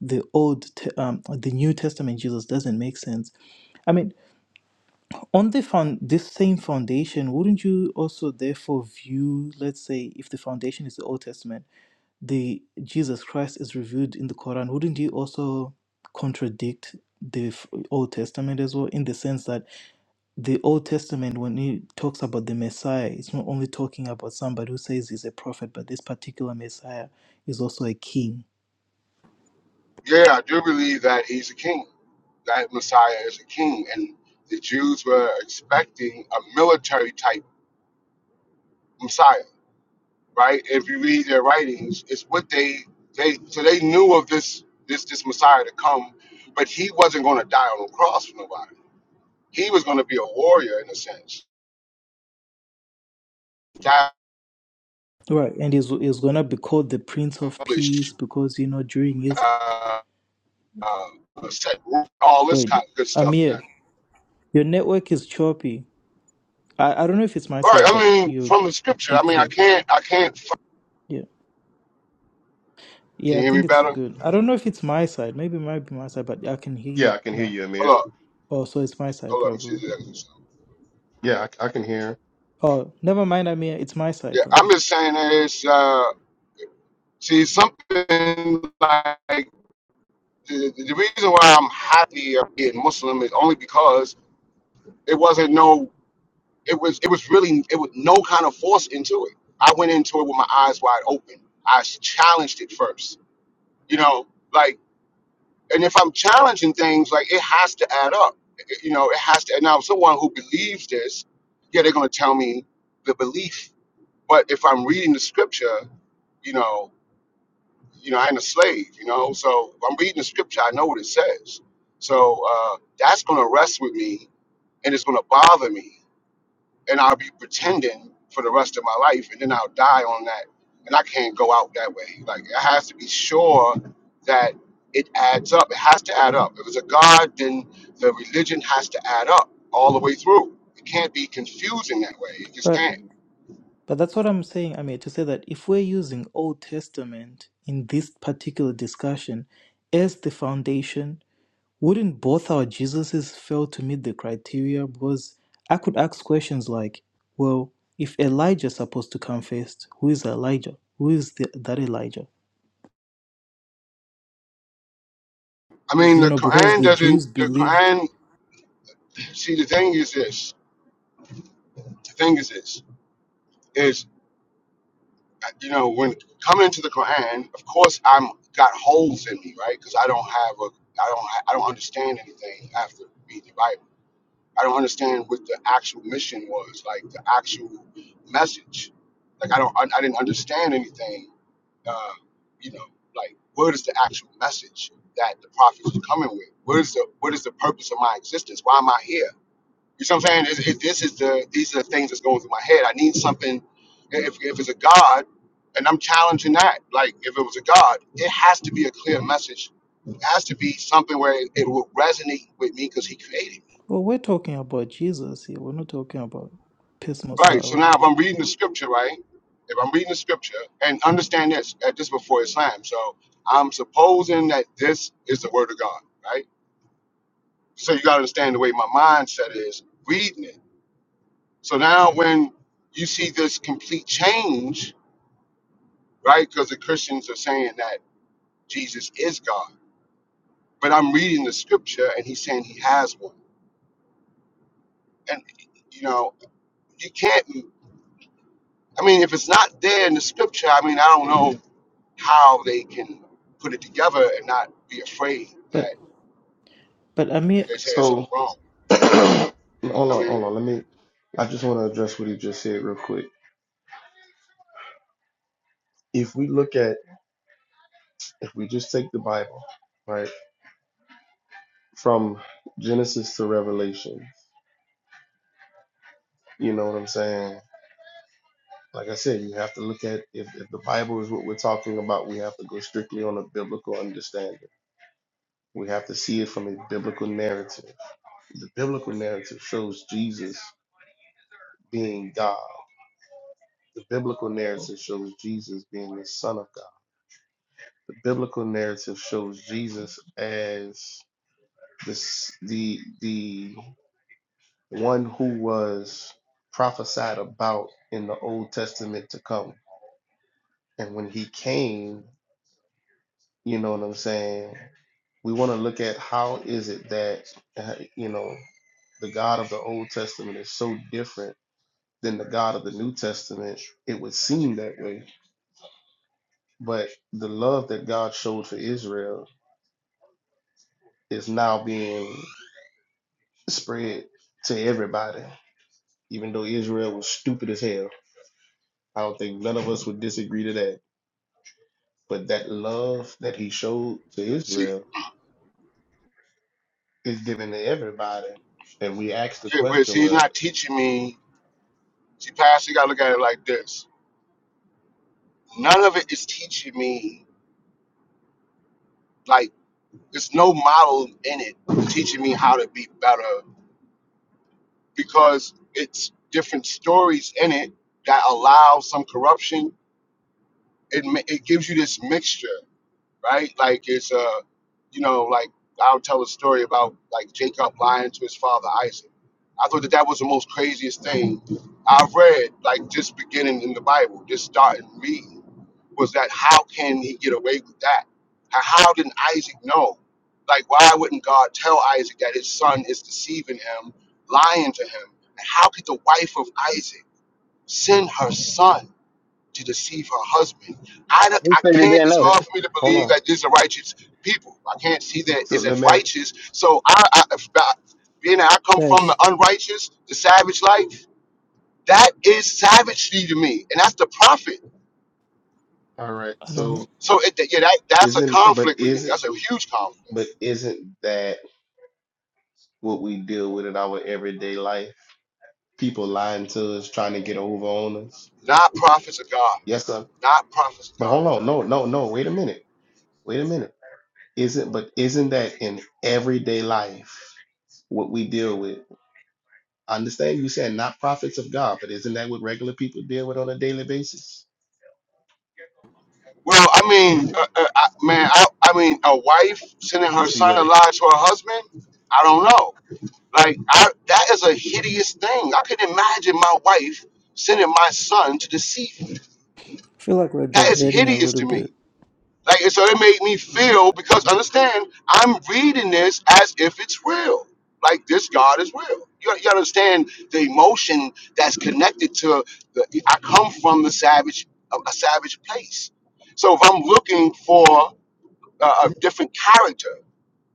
S1: the old Te- um, the New Testament Jesus doesn't make sense. I mean. On the found this same foundation, wouldn't you also therefore view, let's say, if the foundation is the Old Testament, the Jesus Christ is revealed in the Quran, wouldn't you also contradict the f- Old Testament as well, in the sense that the Old Testament, when it talks about the Messiah, it's not only talking about somebody who says he's a prophet, but this particular Messiah is also a king.
S5: Yeah, I do believe that he's a king, that Messiah is a king. And the Jews were expecting a military type. Messiah, right? If you read their writings, it's what they they so they knew of this this this Messiah to come, but he wasn't going to die on the cross for nobody. He was going to be a warrior in a sense, establish
S1: Right, and he's, he's gonna be called the Prince of Peace because you know during his
S5: uh, uh, a set rule, all this
S1: wait,
S5: kind of good stuff.
S1: Amir,
S5: That
S1: your network is choppy. I, I don't know if it's my
S5: all right?
S1: side,
S5: I
S1: but
S5: mean,
S1: you
S5: from the scripture, I
S1: be
S5: mean, I
S1: sure.
S5: can't, I can't. f-
S1: Yeah. Yeah,
S5: Can
S1: I
S5: you hear me
S1: think it's
S5: better?
S1: good. I don't know if it's my side. Maybe it might be my side, but I can hear
S4: yeah
S1: you
S4: i can hear
S1: now.
S4: you amir
S5: Hold up,
S1: Oh, so it's my side
S5: hold up. Let me see.
S1: probably.
S5: if I
S4: yeah i, I
S1: Oh, never mind, Amir. it's my side
S5: Yeah, I'm
S1: probably.
S5: just saying that it's uh, see something like the, the reason why I'm happy of being Muslim is only because it wasn't no, it was it was really it was no kind of force into it. I went into it with my eyes wide open. I challenged it first, you know, like, and if I'm challenging things, like it has to add up, you know, it has to. And now, someone who believes this, yeah, they're gonna tell me the belief. But if I'm reading the scripture, you know, you know, I'm a slave, you know. So I'm reading the scripture, I know what it says. So uh, that's going to rest with me and it's going to bother me. And I'll be pretending for the rest of my life and then I'll die on that. And I can't go out that way. Like, it has to be sure that it adds up. It has to add up. If it's a God, then the religion has to add up all the way through. It can't be confusing that way. It just
S1: But
S5: can't.
S1: but that's what I'm saying, Amir. to say that if we're using Old Testament in this particular discussion as the foundation wouldn't both our Jesuses fail to meet the criteria? Because I could ask questions like, well, if Elijah is supposed to come first, who is Elijah? Who is the, that Elijah?
S5: I
S1: Because,
S5: mean,
S1: you
S5: the
S1: know, because
S5: Quran
S1: the
S5: doesn't,
S1: Jews
S5: the
S1: believed,
S5: Quran, see, the thing is this, the thing is this Is you know, when coming to the Quran, of course, I'm got holes in me, right? Because I don't have a, I don't, ha- I don't understand anything after reading the Bible. I don't understand what the actual mission was, like the actual message. Like I don't, I, I didn't understand anything. Uh, you know, like what is the actual message that the prophet was coming with? What is the, what is the purpose of my existence? Why am I here? You see what I'm saying? It's- it- this is the these are the things that's going through my head. I need something. If if it's a God, and I'm challenging that. Like if it was a God, it has to be a clear message. It has to be something where it, it will resonate with me because He created me.
S1: well, we're talking about Jesus here. We're not talking about Pismos.
S5: Right. So
S1: uh,
S5: now if I'm reading the scripture, right? If I'm reading the scripture and understand this, that this before Islam, so I'm supposing that this is the word of God, right? So you gotta understand the way my mindset is reading it. So now when you see this complete change right? Because the Christians are saying that Jesus is God. But I'm reading the scripture and he's saying he has one. And, you know, you can't, I mean, if it's not there in the scripture, I mean, I don't know how they can put it together and not be afraid that
S1: But, but I mean,
S5: they're saying something
S4: so
S5: wrong.
S4: hold on,
S5: I mean,
S4: hold on. Let me. I just want to address what he just said real quick. If we look at, if we just take the Bible, right, from Genesis to Revelation, you know what I'm saying? Like I said, you have to look at if, if the Bible is what we're talking about, we have to go strictly on a biblical understanding. We have to see it from a biblical narrative. The biblical narrative shows Jesus being God. The biblical narrative shows Jesus being the Son of God. The biblical narrative shows Jesus as this the the one who was prophesied about in the Old Testament to come. And when he came, you know what I'm saying? We want to look at how is it that uh, you know the God of the Old Testament is so different than the God of the New Testament. It would seem that way, but the love that God showed for Israel is now being spread to everybody, even though Israel was stupid as hell I don't think none of us would disagree to that. But that love that he showed to
S5: see,
S4: Israel is given to everybody. And we ask the
S5: yeah, but
S4: question,
S5: see, he's
S4: well,
S5: not teaching me. See, Pastor, you got to look at it like this none of it is teaching me, like, there's no model in it teaching me how to be better because it's different stories in it that allow some corruption. It ma- it gives you this mixture right? Like it's uh, you know, like I'll tell a story about like Jacob lying to his father Isaac. I thought that that was the most craziest thing I've read, like just beginning in the Bible, just starting reading, was that how can he get away with that? How how didn't Isaac know? Like, why wouldn't God tell Isaac that his son is deceiving him, lying to him? And how could the wife of Isaac send her son? to deceive her husband. I, don't-
S2: Who
S5: I
S2: said they
S5: can't,
S2: didn't
S5: it's
S2: know?
S4: let,
S5: hard for me to
S4: hold
S5: believe
S4: on.
S5: that these are righteous people. I can't see that
S4: So
S5: is
S4: let
S5: as
S4: me ask,
S5: righteous. So I, I if I- being that I come from
S1: guys,
S5: the unrighteous, the savage life, that is savagery to me. And that's the prophet.
S4: all right.
S1: I don't
S4: So
S1: know.
S5: So it, yeah, that, that's a
S4: isn't, but
S5: conflict with me.
S4: isn't,
S5: That's a huge conflict.
S4: but isn't that what we deal with in our everyday life? People lying to us, trying to get over on us.
S5: Not prophets of God.
S4: Yes, sir.
S5: Not prophets of God.
S4: But hold on. No, no, no. Wait a minute. Wait a minute. Isn't, but isn't that in everyday life what we deal with? I understand you said not prophets of God, but isn't that what regular people deal with on a daily basis?
S5: Well, I mean, uh, uh, I, man, I, I mean, a wife sending
S4: You
S5: her
S4: see
S5: son
S4: what
S5: in lie to her husband. I don't know. Like, I, that is a hideous thing. I could imagine my wife sending my son to deceive me.
S1: I feel like we're
S5: That is
S1: diverting a
S5: hideous
S1: little
S5: to me.
S1: bit,
S5: Like, and so it made me feel because understand, I'm reading this as if it's real. Like, this God is real. You, you understand the emotion that's connected to the. I come from the savage, a a savage place. So if I'm looking for uh, a different character.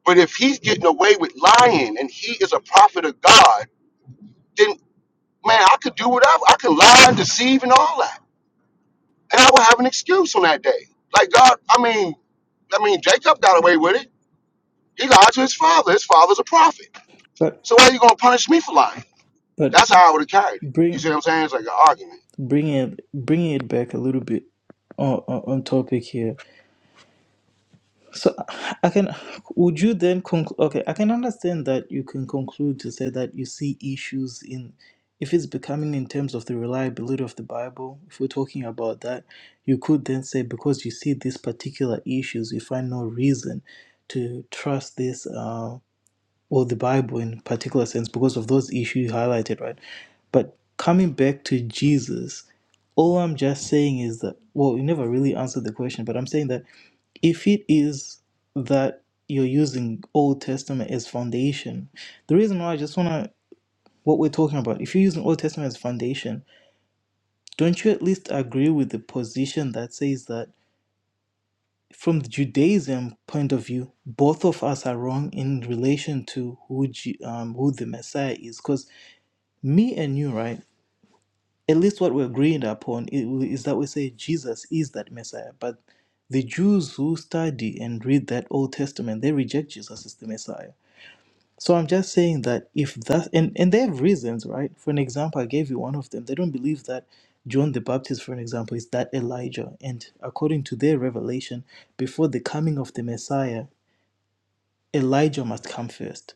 S5: But if he's getting away with lying and he is a prophet of God, then man, I could do whatever. I could lie and deceive and all that, and I would have an excuse on that day. Like God, I mean, I mean, Jacob got away with it. He lied to his father. His father's a prophet.
S1: but,
S5: So why are you gonna punish me for lying?
S1: but
S5: That's how I would have carried it. You
S1: bring,
S5: see what I'm saying? It's like an argument.
S1: bring it, bringing it back a little bit on, on, on topic here. So I can, would you then conclude? Okay, I can understand that you can conclude to say that you see issues in, if it's becoming in terms of the reliability of the Bible, if we're talking about that, you could then say because you see these particular issues, you find no reason to trust this. Uh, or the Bible in particular sense because of those issues highlighted, right? But coming back to Jesus, all I'm just saying is that well, you never really answered the question, but I'm saying that if it is that you're using Old Testament as foundation, the reason why I just wanna what we're talking about, if you're using Old Testament as foundation, don't you at least agree with the position that says that from the Judaism point of view, both of us are wrong in relation to who Ju- um, who the Messiah is. Because me and you, right? At least what we're agreed upon i- is that we say Jesus is that Messiah. But the Jews who study and read that Old Testament, they reject Jesus as the Messiah. So I'm just saying that if that and and they have reasons, right? For an example, I gave you one of them. They don't believe that John the Baptist, for an example, is that Elijah, and according to their revelation, before the coming of the Messiah. Elijah must come first.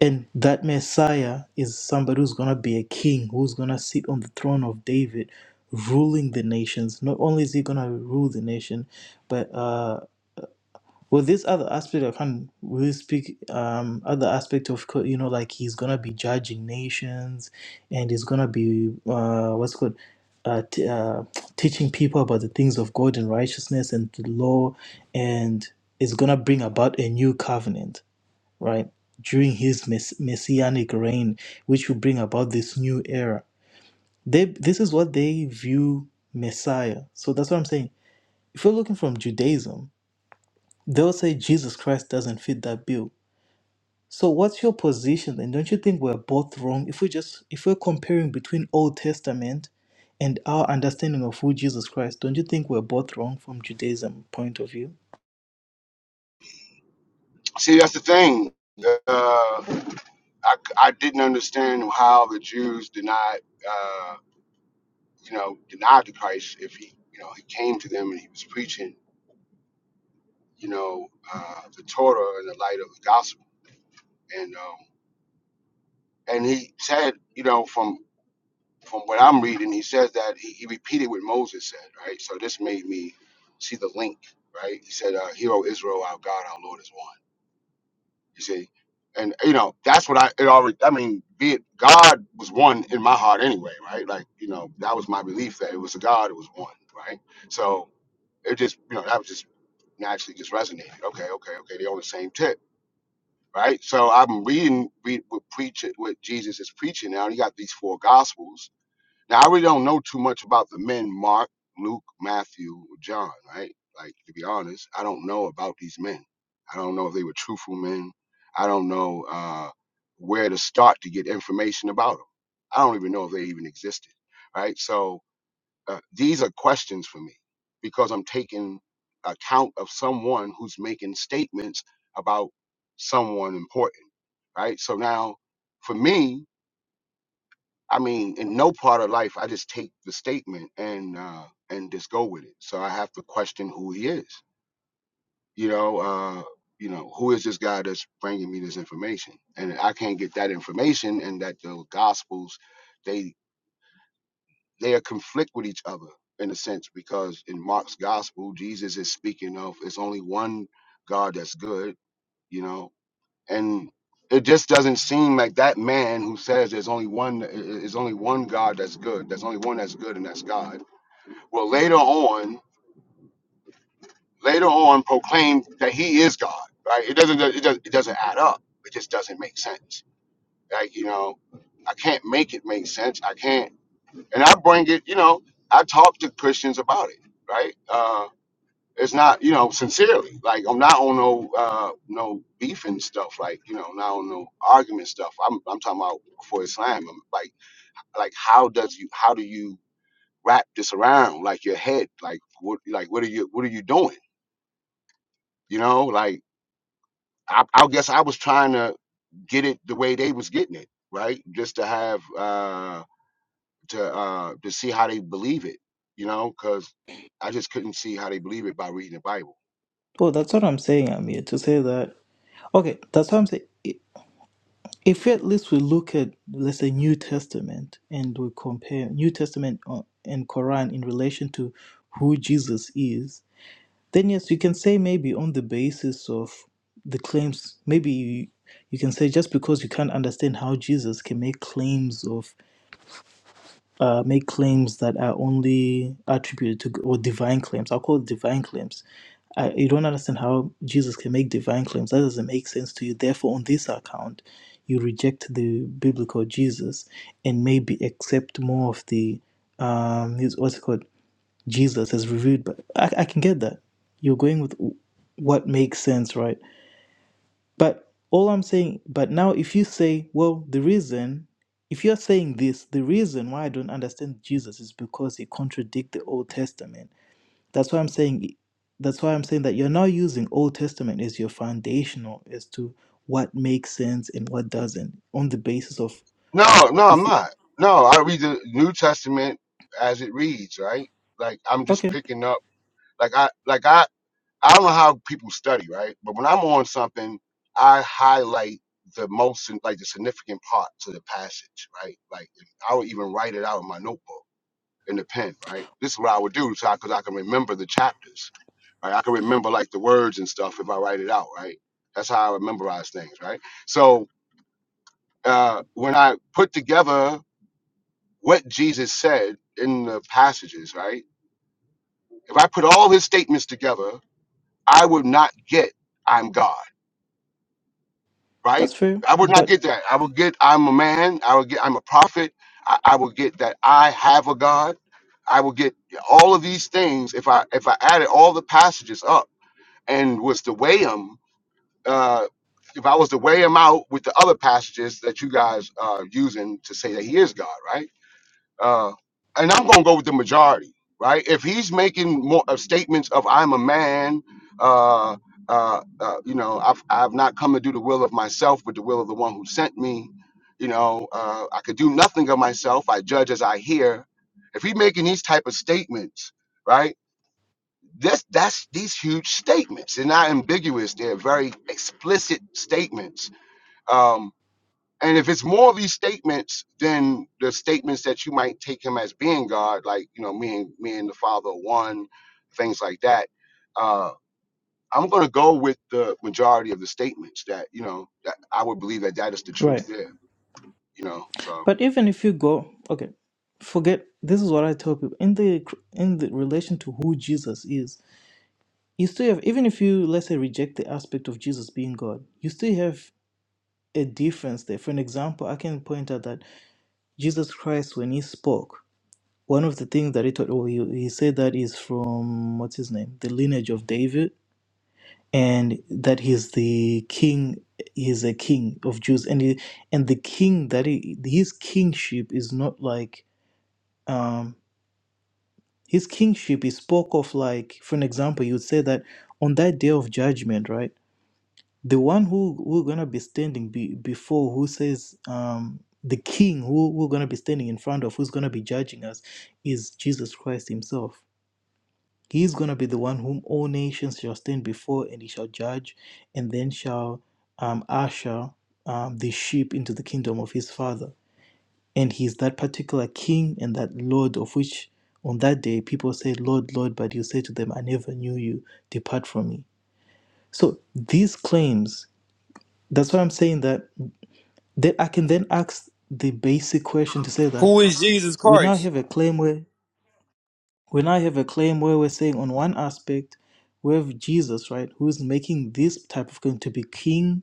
S1: And that Messiah is somebody who's going to be a king, who's going to sit on the throne of David, ruling the nations. Not only is he going to rule the nation, but uh, well, this other aspect I can't really speak. Um, other aspect of co- you know, like he's going to be judging nations, and he's going to be uh, what's it called uh, t- uh, teaching people about the things of God and righteousness and the law, and is going to bring about a new covenant right, during his mess- messianic reign, which will bring about this new era. They, this is what they view Messiah. So that's what I'm saying. If you're looking from Judaism, they'll say Jesus Christ doesn't fit that bill. So what's your position then? Don't you think we're both wrong if we just if we're comparing between Old Testament and our understanding of who Jesus Christ, don't you think we're both wrong from Judaism point of view?
S5: See, that's the thing. Uh, I, I didn't understand how the Jews denied. Uh, you know, denied the Christ if he, you know, he came to them and he was preaching, you know, uh, the Torah in the light of the gospel. And um, and he said, you know, from from what I'm reading, he says that he, he repeated what Moses said, right? So this made me see the link, right? He said, uh, "Hero Israel, our God, our Lord is one." You see, and you know, that's what I it already. I mean, be it God was one in my heart anyway, right? Like you know, that was my belief that it was a God, it was one, right? So it just you know that was just naturally just resonated. Okay, okay, okay. They're on the same tip, right? So I'm reading read what preach what Jesus is preaching now. and You got these four gospels. Now I really don't know too much about the men Mark, Luke, Matthew, or John, right? Like to be honest, I don't know about these men. I don't know if they were truthful men. I don't know uh, where to start to get information about them. I don't even know if they even existed, right? So uh, these are questions for me because I'm taking account of someone who's making statements about someone important, right? So now, for me, I mean, in no part of life, I just take the statement and uh, and just go with it. So I have to question who he is. You know, uh, you know, who is this guy that's bringing me this information? And I can't get that information, and that the gospels they. they conflict with each other in a sense because in Mark's gospel, Jesus is speaking of it's only one God that's good, you know, and it just doesn't seem like that man who says there's only one is only one God that's good. There's only one that's good, and that's God. Well, later on, later on, proclaimed that he is God. Right? It doesn't it doesn't it doesn't add up. It just doesn't make sense. Like you know, I can't make it make sense. I can't. and I bring it, you know, I talk to Christians about it, right? Uh, it's not, you know, sincerely. Like I'm not on no uh, no beefing stuff, like you know, not on no argument stuff. I'm I'm talking about for Islam. I'm like like how does you how do you wrap this around like your head? Like what like what are you what are you doing? You know, like I, I guess I was trying to get it the way they was getting it, right? Just to have. uh to uh to see how they believe it, you know, because I just couldn't see how they believe it by reading the Bible.
S1: Well, that's what I'm saying, Amir, to say that. Okay, that's what I'm saying. if at least we look at let's say new testament and we compare new testament uh, and quran in relation to who jesus is then yes you can say maybe on the basis of the claims maybe you, you can say just because you can't understand how jesus can make claims of uh, make claims that are only attributed to or divine claims. I'll call it divine claims. I, you don't understand how Jesus can make divine claims. That doesn't make sense to you. Therefore, on this account, you reject the biblical Jesus and maybe accept more of the um, his, what's it called Jesus as revealed. But I, I can get that. You're going with what makes sense, right? But all I'm saying, but now if you say, well, the reason, if you're saying this, the reason why I don't understand Jesus is because it contradicts the Old Testament. That's why I'm saying, that's why I'm saying that you're now using Old Testament as your foundational as to what makes sense and what doesn't on the basis of,
S5: No, no, I'm not. No, I read the New Testament as it reads, right? Like I'm just
S1: okay,
S5: picking up like I like I I don't know how people study, right? But when I'm on something, I highlight the most like the significant parts of the passage, right? Like I would even write it out in my notebook in the pen, right? This is what I would do so I, cause I can remember the chapters, right? I can remember like the words and stuff if I write it out, right? That's how I memorize things, right? So uh, when I put together what Jesus said in the passages, right? If I put all his statements together, I would not get I'm God. right?
S1: that's fair,
S5: I would not
S1: but,
S5: get that. I would get I'm a man. I would get I'm a prophet. I, I would get that I have a God. I would get all of these things if I if I added all the passages up and was to weigh them. Uh, if I was to weigh them out with the other passages that you guys are using to say that He is God, right? uh, and I'm going to go with the majority, right? If he's making more of statements of "I'm a man," uh, uh, uh, you know, I've I've not come to do the will of myself, but the will of the one who sent me. You know, uh, I could do nothing of myself. I judge as I hear. If he's making these type of statements, right? That's that's these huge statements. They're not ambiguous. They're very explicit statements. Um, and if it's more of these statements than the statements that you might take him as being God, like you know, me and me and the Father are one, things like that. Uh, I'm going to go with the majority of the statements that you know that I would believe that that is the
S1: right.
S5: truth there. You know, so
S1: But even if you go, okay, forget, this is what I tell people in the, in the relation to who Jesus is you still have even if you let's say reject the aspect of jesus being god you still have a difference there for an example i can point out that jesus christ when he spoke one of the things that he taught oh he, he said that is from what's his name the lineage of david and that he's the king he's a king of jews and he, and the king that he, his kingship is not like um his kingship is spoke of like for an example you would say that on that day of judgment right the one who we're gonna be standing be, before who says um the king who we're gonna be standing in front of who's gonna be judging us is jesus christ himself he's gonna be the one whom all nations shall stand before and he shall judge and then shall um usher um, the sheep into the kingdom of his father and he's that particular king and that lord of which on that day people say lord lord but you say to them i never knew you depart from me so these claims that's why i'm saying that Then I can then ask the basic question to say that
S6: Who is Jesus
S1: we now
S6: Christ?
S1: have a claim where we now have a claim where we're saying on one aspect we have Jesus, right, who is making this type of claim to be king,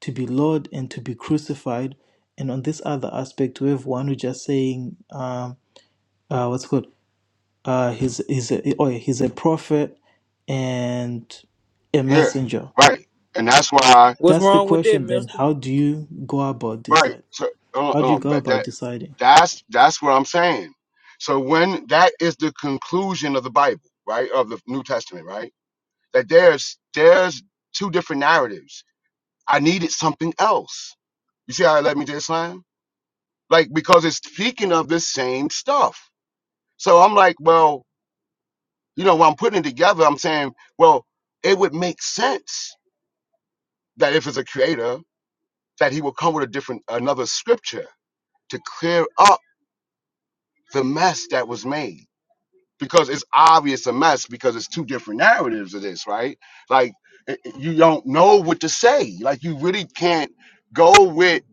S1: to be Lord, and to be crucified, and on this other aspect we have one who just saying, um, uh, what's it called, uh, he's he's a, oh yeah, he's a prophet and a
S5: yeah,
S1: messenger.
S5: right, and that's why
S6: What's
S1: That's the
S6: wrong with that,
S1: question. Then,
S6: mister?
S1: how do you go about
S5: right.
S1: decide?
S5: So, uh,
S1: How do you
S5: uh,
S1: go
S5: but
S1: about
S5: that
S1: deciding?
S5: that's that's what I'm saying. So when that is the conclusion of the Bible, right, of the New Testament, right, that there's there's two different narratives I needed something else. You see how I let me to Islam? Like, because it's speaking of the same stuff. So I'm like, well, you know, when I'm putting it together, I'm saying, well, it would make sense that if it's a creator, that he will come with a different, another scripture to clear up the mess that was made. because it's obvious a mess because it's two different narratives of this, right? Like i- i- you don't know what to say. Like you really can't go with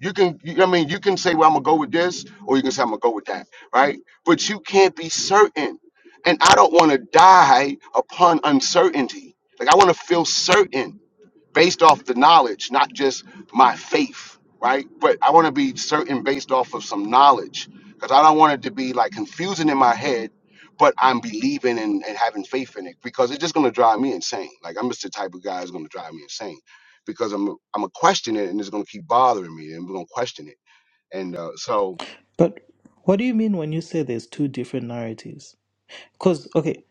S5: you can you, I mean you can say well I'm gonna go with this or you can say I'm gonna go with that, right? But you can't be certain. And I don't want to die upon uncertainty. Like I want to feel certain based off the knowledge, not just my faith, right? But I want to be certain based off of some knowledge because I don't want it to be like confusing in my head, but I'm believing and, and having faith in it because it's just going to drive me insane. Like I'm just the type of guy that's going to drive me insane because I'm I'm gonna question it and it's going to keep bothering me and we're going to question it. And uh, so
S1: But what do you mean when you say there's two different narratives? Because, okay,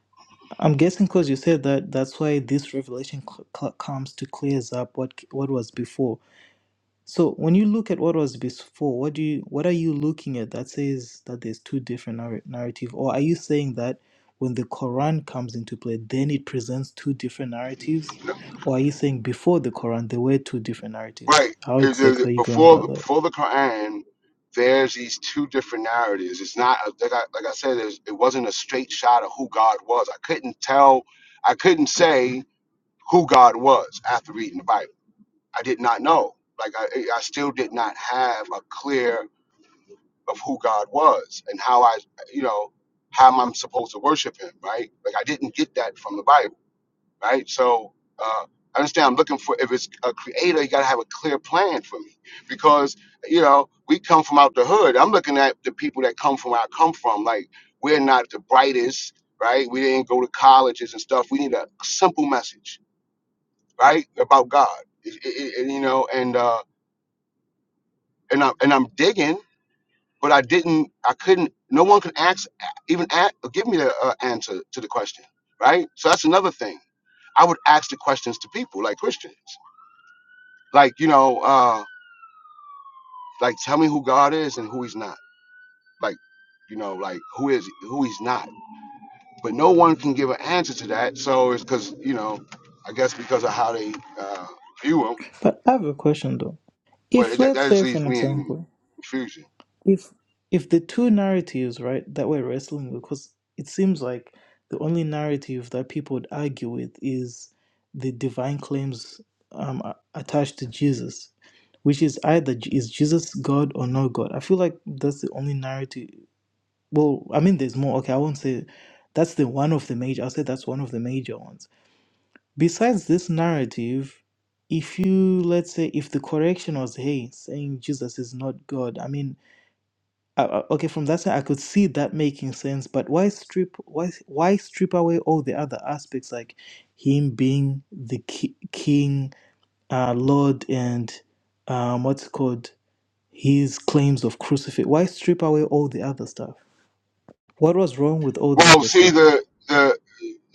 S1: I'm guessing because you said that that's why this revelation c- c- comes to clears up what what was before. So when you look at what was before, what do you what are you looking at that says that there's two different narr- narrative, or are you saying that when the Quran comes into play, then it presents two different narratives, or are you saying before the Quran there were two different narratives?
S5: Right.
S1: How
S5: Is- is-
S1: exactly are you going
S5: Before
S1: about
S5: the
S1: that?
S5: before the Quran, there's these two different narratives. It's not a- like I like I said. There's it wasn't a straight shot of who God was. I couldn't tell. I couldn't say who God was after reading the Bible. I did not know. Like I, I still did not have a clear of who God was and how I, you know, how I'm supposed to worship Him. Right. Like I didn't get that from the Bible right? So uh, I understand I'm looking for if it's a creator, you gotta have a clear plan for me because you know we come from out the hood. I'm looking at the people that come from where I come from. Like we're not the brightest, right? We didn't go to colleges and stuff. We need a simple message, right, about God. It- it- it- you know, and uh, and I'm and I'm digging, but I didn't, I couldn't. No one could ask, even ask, give me the uh, answer to the question, right? So that's another thing. I would ask the questions to people like Christians. like you know uh like tell me who god is and who he's not like you know like who is who he's not but no one can give an answer to that so it's because you know i guess because of how they uh view him
S1: But I have a question though.
S5: but
S1: If
S5: it, that,
S1: let's
S5: that just
S1: say, for
S5: leaves
S1: an
S5: me in
S1: example,
S5: confusion
S1: if if the two narratives right that we're wrestling with because it seems like the only narrative that people would argue with is the divine claims um, a- attached to jesus which is either J- is jesus god or no god i feel like that's the only narrative well i mean there's more okay i won't say that's the one of the major i'll say that's one of the major ones besides this narrative if you let's say if the correction was hey saying jesus is not god i mean uh, uh, okay, from that side, I could see that making sense, but why strip why why strip away all the other aspects like him being the ki- king, uh, lord, and um, what's it called his claims of crucifix? Why strip away all the other stuff? What was wrong with all the
S5: well
S1: other
S5: see
S1: stuff?
S5: the the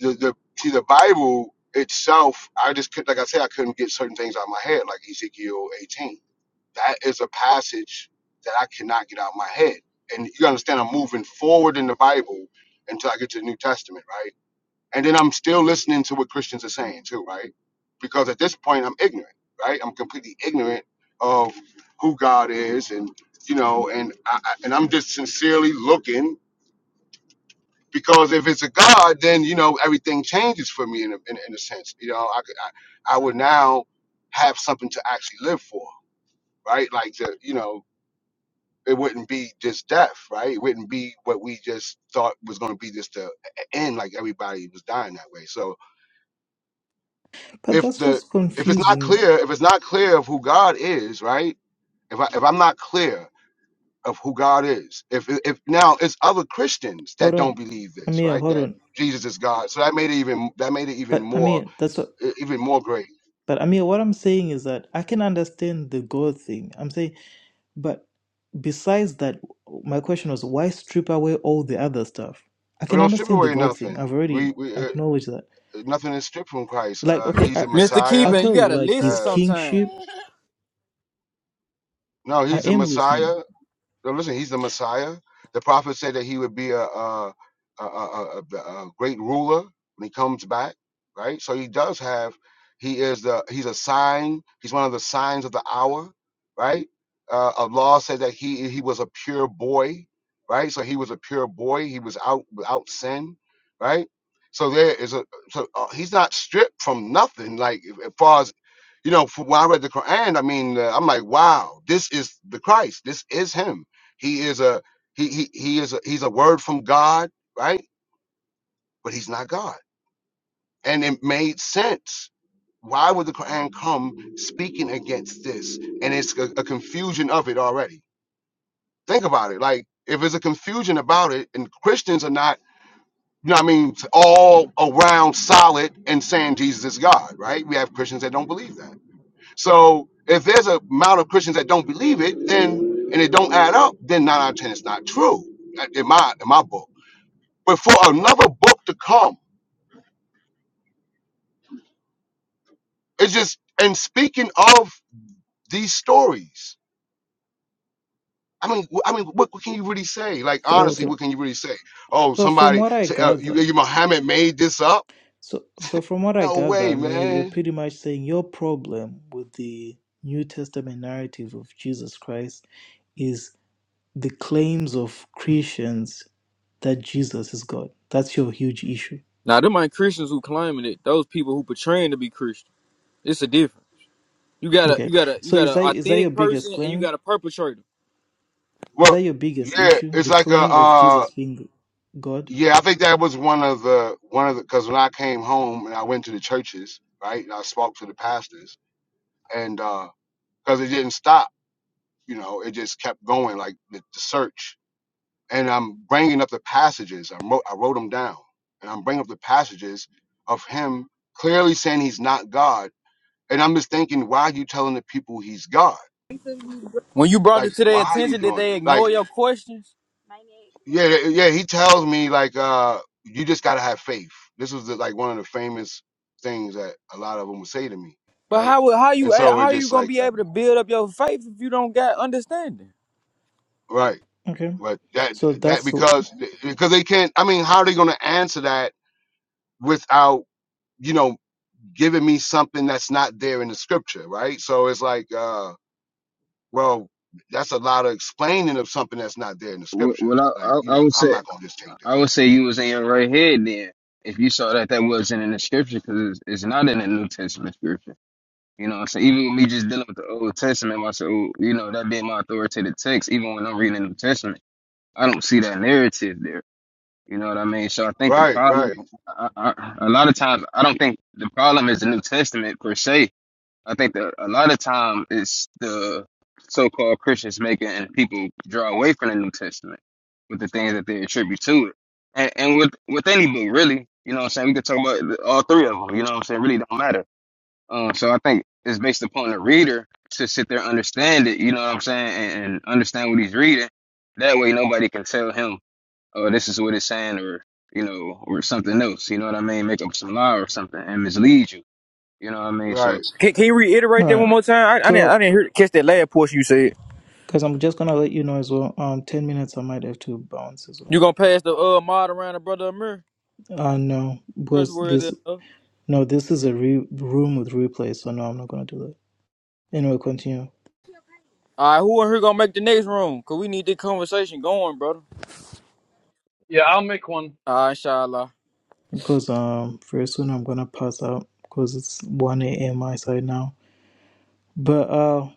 S5: the, the see the bible itself i just could like i said i couldn't get certain things out of my head like ezekiel 18 That is a passage that I cannot get out of my head. And you understand, I'm moving forward in the Bible until I get to the New Testament, right? And then I'm still listening to what Christians are saying too, right? Because at this point, I'm ignorant, right? I'm completely ignorant of who God is, and you know, and I, I- and I'm just sincerely looking because if it's a God, then you know everything changes for me in a, in, a- in a sense. You know, I, could- I I would now have something to actually live for, right? Like to you know it wouldn't be just death, right? It wouldn't be what we just thought was going to be just the end, like everybody was dying that way. So
S1: But
S5: if
S1: that's
S5: the
S1: what's
S5: if it's not
S1: confusing.
S5: clear, if it's not clear of who God is, right? If I if I'm not clear of who God is, if if now it's other Christians
S1: Hold
S5: that
S1: on,
S5: don't believe this,
S1: Amir,
S5: right?
S1: hold
S5: That
S1: on.
S5: Jesus is God, so that made it even that made it even
S1: But
S5: more
S1: Amir, that's what.
S5: e- even more great.
S1: But Amir, what I'm saying is that I can understand the God thing. I'm saying But besides that, my question was why strip away all the other stuff? I
S5: We
S1: can
S5: don't strip
S1: understand the
S5: away
S1: God thing.
S5: nothing.
S1: I've already
S5: We we uh,
S1: acknowledged that.
S5: nothing is stripped from Christ.
S1: Like,
S5: Uh,
S1: okay,
S5: he's
S1: I,
S5: a
S6: Mr.
S1: I'll
S5: Messiah.
S6: Keeban, you
S1: tell you,
S6: gotta
S1: like
S6: listen
S1: his
S5: Uh,
S6: sometime.
S1: kingship,
S5: no,
S1: I
S5: he's a
S1: am listening.
S5: Messiah. No, listen, he's the Messiah. The prophet said that he would be a a, a, a, a, a great ruler when he comes back, right? So he does have, he is the he's a sign. He's one of the signs of the hour, right? Uh, Allah said that he he was a pure boy, right? So he was a pure boy. He was out without sin, right? So there is a so uh, he's not stripped from nothing. Like as far as you know, from when I read the Quran, I mean, uh, I'm like, wow, this is the Christ. This is him he is a he he he is a, he's a word from God, right? But he's not God. And it made sense. Why would the Quran come speaking against this? And it's a, a confusion of it already. Think about it. Like if it's a confusion about it, and Christians are not, you know, what I mean, all around solid and saying Jesus is God, right? We have Christians that don't believe that. So if there's a amount of Christians that don't believe it, then and it don't add up, then nine out of ten it's not true. In my in my book. but for another book to come it's just and speaking of these stories i mean wh- i mean what, what can you really say like
S1: So
S5: honestly
S1: okay.
S5: what can you really say oh
S1: So from
S5: somebody
S1: what I
S5: say uh, you,
S1: gather
S5: you muhammad made this up
S1: so so from what I
S5: no
S1: gather,
S5: way
S1: Mia, you're
S5: man
S1: pretty much saying your problem with the New Testament narrative of Jesus Christ is the claims of Christians that Jesus is God. That's your huge issue.
S6: Now, them ain't Christians who claiming it. Those people who portraying to be Christian. It's a different. You got a,
S1: Okay.
S6: you got a, you
S1: So
S6: got
S1: is
S6: an
S1: that is that your
S6: authentic
S1: biggest
S6: person and you
S1: claim?
S6: got a perpetrator.
S1: Is
S5: well
S1: that your biggest
S5: yeah
S1: issue?
S5: it's
S1: The
S5: like a
S1: claim of
S5: uh
S1: Jesus being God?
S5: yeah i think that was one of the one of the because when i came home and i went to the churches right and i spoke to the pastors and uh because it didn't stop you know it just kept going like the, the search and I'm bringing up the passages. I wrote, I wrote them down, and I'm bringing up the passages of him clearly saying he's not God. And I'm just thinking, why are you telling the people he's God?
S6: When you brought
S5: Like,
S6: it to their
S5: why are you
S6: attention, did
S5: doing
S6: they
S5: it? Like,
S6: ignore your questions?
S5: yeah, yeah. He tells me like, uh, you just gotta have faith. This was the, like one of the famous things that a lot of them would say to me,
S6: But
S5: right?
S6: how would- how you
S5: And
S6: a-
S5: so it
S6: how you
S5: just
S6: gonna
S5: like,
S6: be
S5: uh,
S6: able to build up your faith if you don't got understanding?
S5: right,
S1: Okay.
S5: but that
S1: So
S5: that
S1: that's all
S5: because because they can't. I mean, how are they gonna answer that without you know giving me something that's not there in the scripture, right? So it's like, uh, well, that's a lot of explaining of something that's not there in the
S2: W-
S5: scripture.
S2: Well, I,
S5: Like,
S2: I
S5: you
S2: I
S5: know,
S2: would
S5: I'm
S2: say
S5: not gonna just take
S2: I
S5: that.
S2: would say you was in your right head then if you saw that that wasn't in the scripture because it's, it's not in the New Testament scripture. You know what I'm saying? Even with me just dealing with the Old Testament myself, you know, that being my authoritative text, even when I'm reading the New Testament, I don't see that narrative there. You know what I mean? So I think the
S5: Right,
S2: problem,
S5: right,
S2: I, I, a lot of times, I don't think the problem is the New Testament per se. I think that a lot of time it's the so-called Christians making people draw away from the New Testament with the things that they attribute to it. And, and with, with any book, really, you know what I'm saying? We could talk about all three of them, you know what I'm saying? Really don't matter um, so I think it's based upon the reader to sit there and understand it. You know what I'm saying, and, and understand what he's reading. That way, nobody can tell him, "Oh, this is what it's saying," or you know, or something else. You know what I mean? Make up some lie or something and mislead you. You know what I mean? So
S5: right.
S6: Can, can you reiterate that one
S1: right.
S6: more time? I, I didn't I
S1: So
S6: didn't hear catch that last portion you said.
S1: because I'm just gonna let you know as well. Um, ten minutes I might have to bounce as
S6: You
S1: well.
S6: gonna pass the uh mod around to brother Amir?
S1: Uh no, because this
S6: Trustworthy.
S1: no, this is a re- room with replay. So no, I'm not gonna do that. Anyway, continue
S6: All right, who in here gonna make the next room? Cause we need this conversation going, brother.
S7: Yeah, I'll make one.
S6: All right, inshallah.
S1: because um very soon I'm gonna pass out because it's one a.m. my side now. But uh.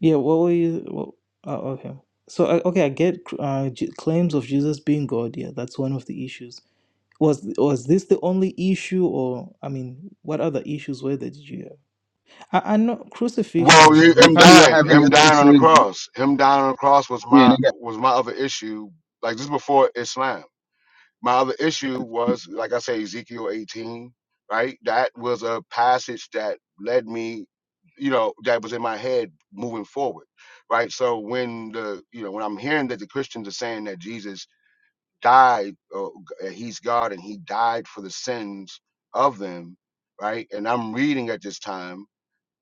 S1: Yeah, what were you? What, uh, okay. So, uh, okay, I get uh, J- claims of Jesus being God. Yeah, that's one of the issues. Was was this the only issue, or I mean, what other issues were there? Did you have? I, I know crucifixion
S5: Well,
S1: is
S5: he-
S2: they
S5: him
S1: another
S2: probably
S1: one.
S2: won't
S5: dying,
S2: have any
S5: him
S2: other
S5: dying on the
S2: issues.
S5: cross, him dying on the cross was
S2: Yeah, they got
S5: my was my other issue. Like this is before Islam. My other issue was, like I say, Ezekiel 18, right? That was a passage that led me, you know, that was in my head moving forward, right? So when the, you know, when I'm hearing that the Christians are saying that Jesus died, or g- uh, he's God and he died for the sins of them, right? And I'm reading at this time,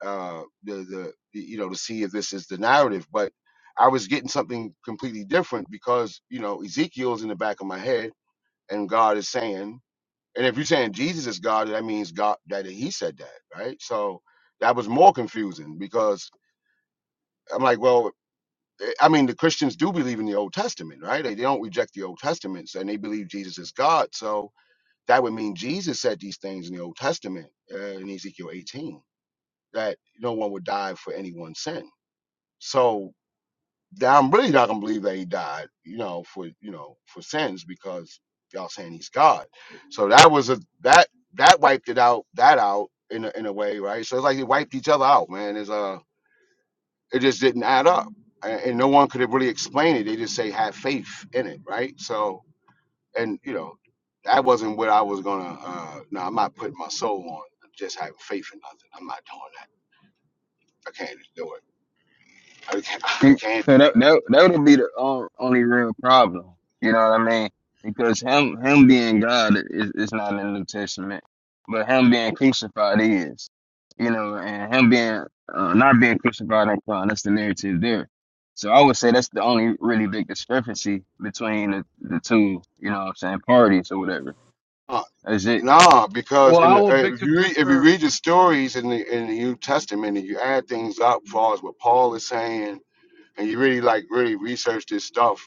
S5: uh, the, the, the, you know, to see if this is the narrative, but I was getting something completely different because, you know, Ezekiel's in the back of my head and God is saying, and if you're saying Jesus is God, that means God that He said that, right? So that was more confusing because I'm like, well, eh, I mean, the Christians do believe in the Old Testament, right? They, they don't reject the Old Testament, so, and they believe Jesus is God. So that would mean Jesus said these things in the Old Testament uh, in Ezekiel 18 that no one would die for anyone's sin. So I'm really not gonna believe that he died, you know, for you know for sins because y'all saying he's God. So that was a that that wiped it out that out in a, in a way, right? So it's like they wiped each other out, man. It's uh it just didn't add up, and, and no one could have really explained it. They just say have faith in it, right? So and you know that wasn't what I was gonna. uh No, I'm not putting my soul on just having faith in nothing. I'm not doing that. I can't do it. I can't. I
S2: See,
S5: can't
S2: So
S5: do it.
S2: that that that would be the on- only real problem. You know what I mean? Because him him being God is is not in the New Testament, but him being crucified is. You know, and him being uh, not being crucified and crown that's the narrative there. So I would say that's the only really big discrepancy between the, the two. You know what I'm saying? Parties or whatever.
S5: Uh,
S2: That's it.
S5: Nah, because
S7: Well,
S5: in
S7: I
S5: the,
S7: will
S5: uh,
S7: make
S5: if
S7: to
S5: you read, if you
S7: differ.
S5: read the stories in the in the New Testament and you add things up, as far as what Paul is saying, and you really like really research this stuff,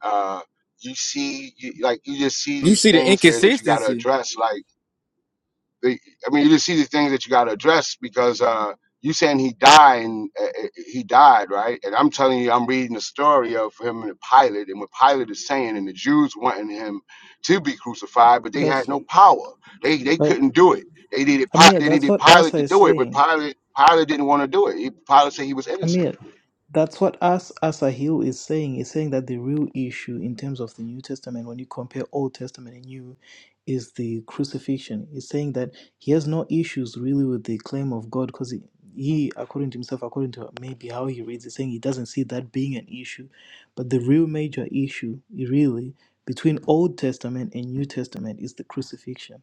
S5: uh, you see, you, like you just see
S6: You
S5: these
S6: see the
S5: things here that you got to
S6: inconsistency,
S5: address. like. They, I mean, you just see the things that you got to address because uh, you saying he died, and uh, uh, he died, right? And I'm telling you, I'm reading the story of him and Pilate, and what Pilate is saying, and the Jews wanting him to be crucified, but they
S1: That's
S5: had no power. They they
S1: but
S5: couldn't do it. They needed
S1: I
S5: Pi-
S1: mean,
S5: they
S1: that's
S5: needed
S1: what
S5: Pilate
S1: Asa
S5: to
S1: is
S5: do it, but
S1: saying.
S5: Pilate Pilate didn't want to do it. He, Pilate said he was innocent.
S1: Amir, that's what us as a Hill is saying. Is saying that the real issue in terms of the New Testament, when you compare Old Testament and New, is the crucifixion. He's saying that he has no issues really with the claim of God because he, he, according to himself, according to maybe how he reads, is saying he doesn't see that being an issue. But the real major issue, really, between Old Testament and New Testament is the crucifixion.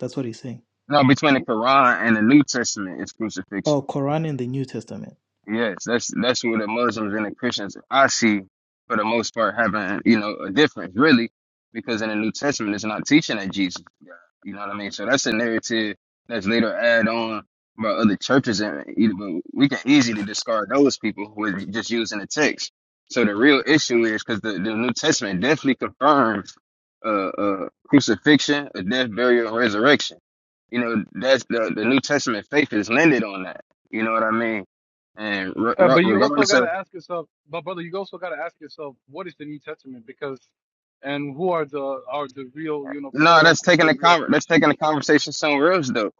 S1: That's what he's saying.
S2: No, between the Quran and the New Testament is crucifixion.
S1: Oh, Quran and the New Testament.
S2: Yes, that's that's where the Muslims and the Christians I see for the most part having, you know, a difference really, because in the New Testament it's not teaching that Jesus is God. You know what I mean? So that's a narrative that's later add on by other churches and either but we can easily discard those people with just using the text. So the real issue is because the, the New Testament definitely confirms uh, uh crucifixion, a death, burial, and resurrection. You know, that's the, the New Testament faith is landed on that. You know what I mean? And re-
S7: Uh,
S2: re-
S7: but you also
S2: regardless
S7: got to
S2: of
S7: ask yourself, but brother, you also got to ask yourself, what is the New Testament? Because, and who are the are the real, you know,
S2: no,
S7: quote
S2: that's
S7: unquote,
S2: taking
S7: the
S2: the
S7: real
S2: conver- that's taking
S7: Christians?
S2: the conversation somewhere else though,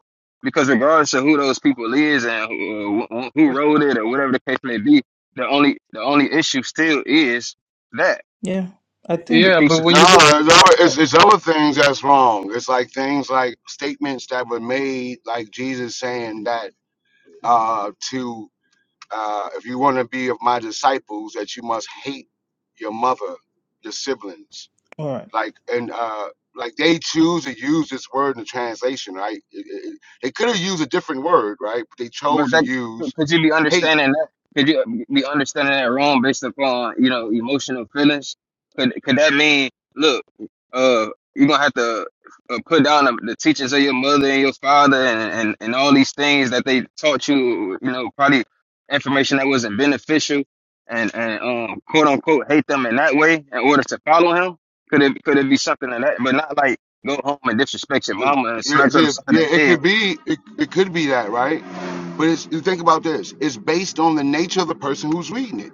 S2: because regardless of who those people is and who, who who
S7: For sure,
S2: wrote
S7: for
S2: it or
S7: sure.
S2: whatever the case may be, the only the only issue still is that
S1: Yeah, I
S2: the
S1: think
S7: Yeah, but when
S5: No,
S7: you
S2: crucifixion.
S7: look,
S5: there's other, it's,
S1: that.
S5: it's other things that's wrong. It's like things like statements that were made, like Jesus saying that uh, to Uh, if you want to be of my disciples, that you must hate your mother, your siblings.
S1: All right.
S5: Like and uh, like they choose to use this word in the translation, right? It- it- it- they could have used a different word, right? But they
S2: But
S5: chose to
S2: that
S5: use
S2: could you be
S5: hate.
S2: understanding that? Could you be understanding that wrong based upon you know emotional feelings? Could could that mean look, uh, you're gonna have to uh, put down the, the teachings of your mother and your father and, and and all these things that they taught you, you know, probably information that wasn't beneficial, and and um quote unquote hate them in that way in order to follow him? Could it could it be something like that? But not like go home and disrespect your
S5: The-
S2: mama and
S5: Yeah,
S2: smack her
S5: yeah,
S2: upside
S5: yeah,
S2: the
S5: it
S2: head.
S5: could be, it, it could be that, right? But it's, you think about this. It's based on the nature of the person who's reading it,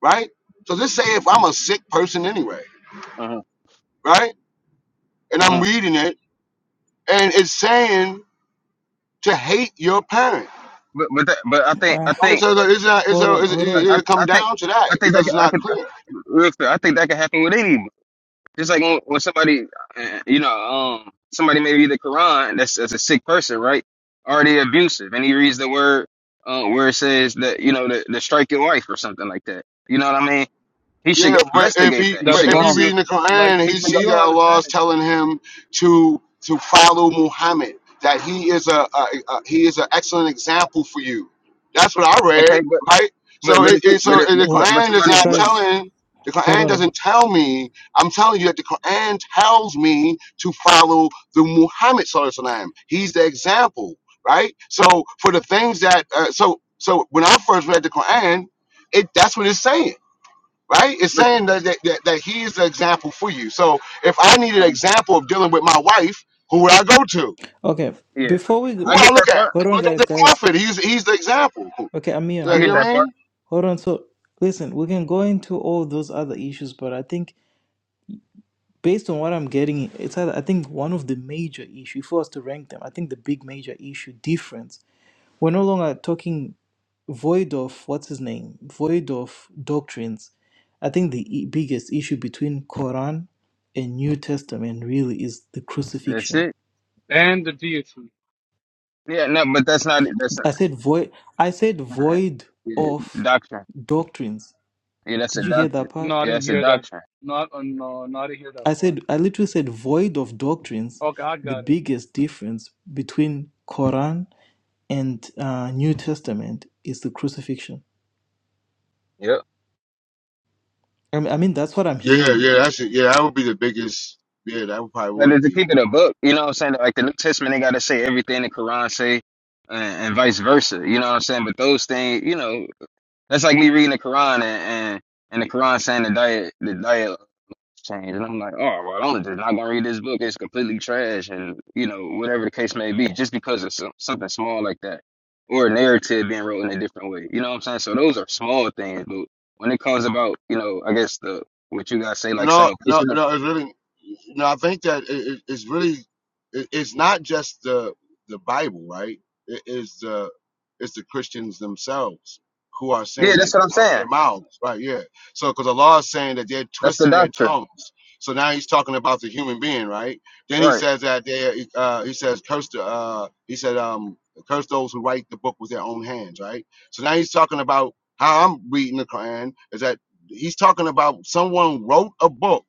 S5: right? So just say if I'm a sick person anyway,
S2: Uh-huh.
S5: right? And
S2: uh-huh.
S5: I'm reading it, and it's saying to hate your parents
S2: But but that, but I think I
S1: Ah,
S5: Right,
S2: think
S5: so the- it's not. It's
S1: Hold
S5: a.
S1: on,
S5: It's, it,
S1: hold
S2: I,
S1: on.
S2: I
S5: it
S2: I
S5: come
S2: think
S5: down to
S2: I
S5: that
S2: think that
S5: because it's
S2: could, I
S5: not
S2: could
S5: clear.
S2: real quick, I think that could happen with any just like when, when somebody uh, you know um somebody may read the Quran that's that's a sick person right already abusive and he reads the word uh, where it says that you know to, to strike your wife or something like that you know what I mean he should
S5: Yeah,
S2: go
S5: but if
S2: investigate
S5: he
S2: that he
S5: but
S7: that's
S2: should
S5: if
S2: go
S5: he
S2: see
S7: wrong.
S5: reading the Quran
S7: Like,
S5: and
S2: he
S5: he
S7: no,
S2: should go
S7: you
S5: see
S7: don't
S5: that Allah
S7: understand
S5: is
S7: it though.
S5: telling him to to follow Muhammad, that he is a, a, a he is an excellent example for you. That's what I
S2: okay
S5: read,
S2: but
S5: right?
S2: but
S5: So
S2: but
S5: it,
S2: if
S5: it
S2: you,
S5: so
S2: but, it,
S5: the
S2: but
S1: Well,
S2: but
S5: Quran is
S2: somebody
S5: not
S2: but
S1: guys,
S5: telling the
S1: hold
S5: Quran
S1: on.
S5: doesn't tell me. I'm telling you that the Quran tells me to follow the Muhammad Sallallahu Alaihi Wasallam. He's the example, right? So for the things that uh, so so when I first read the Quran, it that's what it's saying right? It's
S2: but
S5: saying that that, that, that he's the example for you. So if I need an
S2: uh,
S5: example of dealing with my wife, who would I go to?
S1: Okay,
S2: yeah
S1: before we
S5: Who
S2: I
S5: would
S1: go,
S5: I
S2: get
S5: look
S2: that
S5: at?
S2: part
S5: I
S1: hold on,
S5: look at
S1: guys,
S5: the
S1: guys.
S5: prophet. He's he's the example. You
S1: Okay, Amir,
S5: know,
S2: I
S1: hold
S2: get
S5: what
S2: that
S5: I
S1: on,
S2: part
S5: mean?
S1: hold on. So, listen, we can go into all those other issues, but I think based on what I'm getting, it's either, I think one of the major issue for us to rank them. I think the big major issue difference. We're no longer talking void of what's his name, void of doctrines. I think the i- biggest issue between Quran and New Testament really is the
S2: that's
S1: crucifixion
S2: it.
S7: And the deity.
S2: Yeah, no, but that's not. That's
S1: I said void. I said void
S2: Yeah,
S1: of
S2: doctrine.
S1: doctrines.
S2: Yeah, that's a
S1: Did you hear that
S2: doctrine.
S1: part?
S7: No, I
S2: Yeah,
S7: didn't
S2: that's a
S7: hear that.
S2: doctrine.
S7: Not, uh, no, no, I didn't hear that
S1: I
S7: part.
S1: said I literally said void of doctrines.
S7: Okay, I
S1: The
S7: got it.
S1: biggest difference between Quran and uh, New Testament is the crucifixion.
S2: Yep.
S1: I mean, I mean that's what I'm
S5: Yeah,
S1: hearing.
S5: yeah, that's it. Yeah, that would be the biggest. Yeah, that would probably
S2: But
S5: would
S2: it's the
S5: be.
S2: keep of the book, you know what I'm saying? Like the New Testament, they gotta say everything the Quran say, and, and vice versa. You know what I'm saying? But those things, you know, that's like me reading the Quran and and, and the Quran saying the diet, the diet change. And I'm like, oh, well, I'm just not gonna read this book. It's completely trash, and you know, whatever the case may be, just because of some, something small like that, or a narrative being wrote in a different way. You know what I'm saying? So those are small things, but when it comes about, you know, I guess the what you guys say like
S5: No, no,
S2: salvation. uh,
S5: no. It's really, no. I think that it, it- it's really, it, it's not just the the Bible, right? It is the it's the Christians themselves who are
S2: Yeah,
S5: saying
S2: that's
S5: it
S2: what I'm
S5: out
S2: saying.
S5: their mouths, right? Yeah. So, because the law is saying that they're
S2: That's the
S5: twisting their
S2: doctrine,
S5: tongues. So now he's talking about the human being, right? Then he
S2: right?
S5: says that they, uh, he says, curse the, uh, he said, um, curse those who write the book with their own hands, right? So now he's talking about how I'm reading the Quran is that He's talking about someone wrote a book,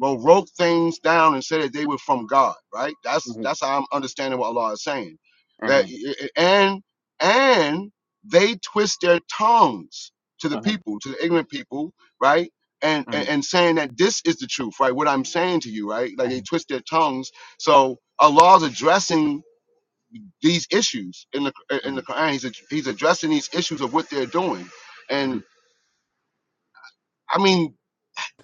S5: wrote, wrote things down and said that they were from God, right? That's
S2: Mm-hmm,
S5: that's how I'm understanding what Allah is saying. That
S2: mm-hmm,
S5: and and they twist their tongues to the
S2: mm-hmm,
S5: people, to the ignorant people, right? And,
S2: mm-hmm,
S5: and and saying that this is the truth, right? What I'm saying to you, right? Like they
S2: mm-hmm,
S5: twist their tongues. So Allah's addressing these issues in the in
S2: mm-hmm,
S5: the Quran. He's ad- he's addressing these issues of what they're doing, and I mean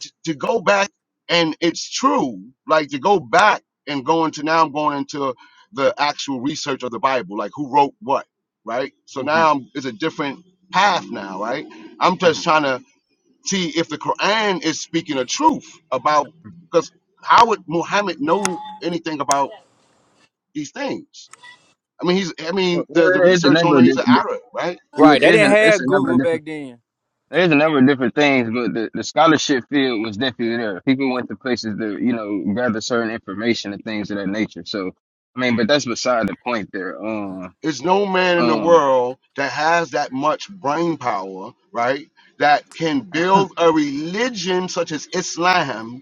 S5: t- to go back and it's true like to go back and go into now i'm going into the actual research of the bible like who wrote what right so
S2: mm-hmm.
S5: now I'm, it's a different path now right i'm
S2: Mm-hmm.
S5: just trying to see if the quran is speaking the truth about because how would muhammad know anything about these things i mean he's i
S2: Well,
S5: mean the, the
S2: well, it is a
S5: research on
S2: number.
S5: him
S2: Of, di-
S5: he's an arab right
S6: right?
S2: it
S6: They
S2: is
S6: didn't
S2: an, it's
S6: have
S2: a number of
S6: Google
S2: different
S6: back then.
S2: There's a number of different things, but the, the scholarship field was definitely there. People went to places to, you know, gather certain information and things of that nature. So, I mean, but that's beside the point there. Um,
S5: There's no man in the
S2: um,
S5: world that has that much brain power, right? That can build a religion such as Islam.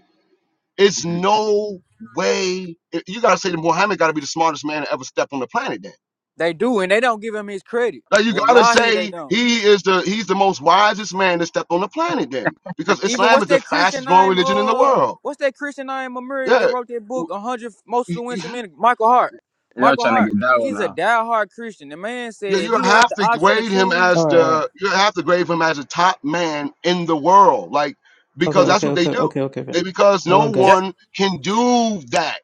S5: It's
S2: mhm.
S5: no way. You gotta say that Muhammad gotta be the smartest man to ever step on the planet. Then,
S6: They do, and they don't give him his credit.
S5: like you gotta
S6: Wallahi, they
S5: say
S6: don't.
S5: he is the he's the most wisest man to step on the planet. Then, because
S6: Even
S5: Islam
S6: what's
S5: is the
S6: that Christian
S5: fastest growing
S6: name?
S5: religion in the
S6: Uh,
S5: world.
S6: what's that Christian name? Amir that
S5: Yeah,
S6: wrote that book, hundred most
S5: W-
S6: influential men. Michael Hart.
S2: y'all
S6: Michael
S2: trying to
S6: Hart.
S2: get that one
S6: He's a
S2: now.
S6: diehard Christian. The man said
S5: Yeah,
S6: if
S5: you
S6: he had
S5: have
S6: the
S5: to
S6: option to
S5: grade him
S6: choose,
S1: All
S5: as
S1: right, all right.
S5: the you have to grade him as a top man in the world, like
S1: Okay,
S5: because that's
S1: okay,
S5: what they
S1: okay,
S5: do.
S1: okay, okay. okay.
S5: They because
S1: Hold
S5: no
S1: on,
S6: ju-
S1: guys.
S5: one can do that.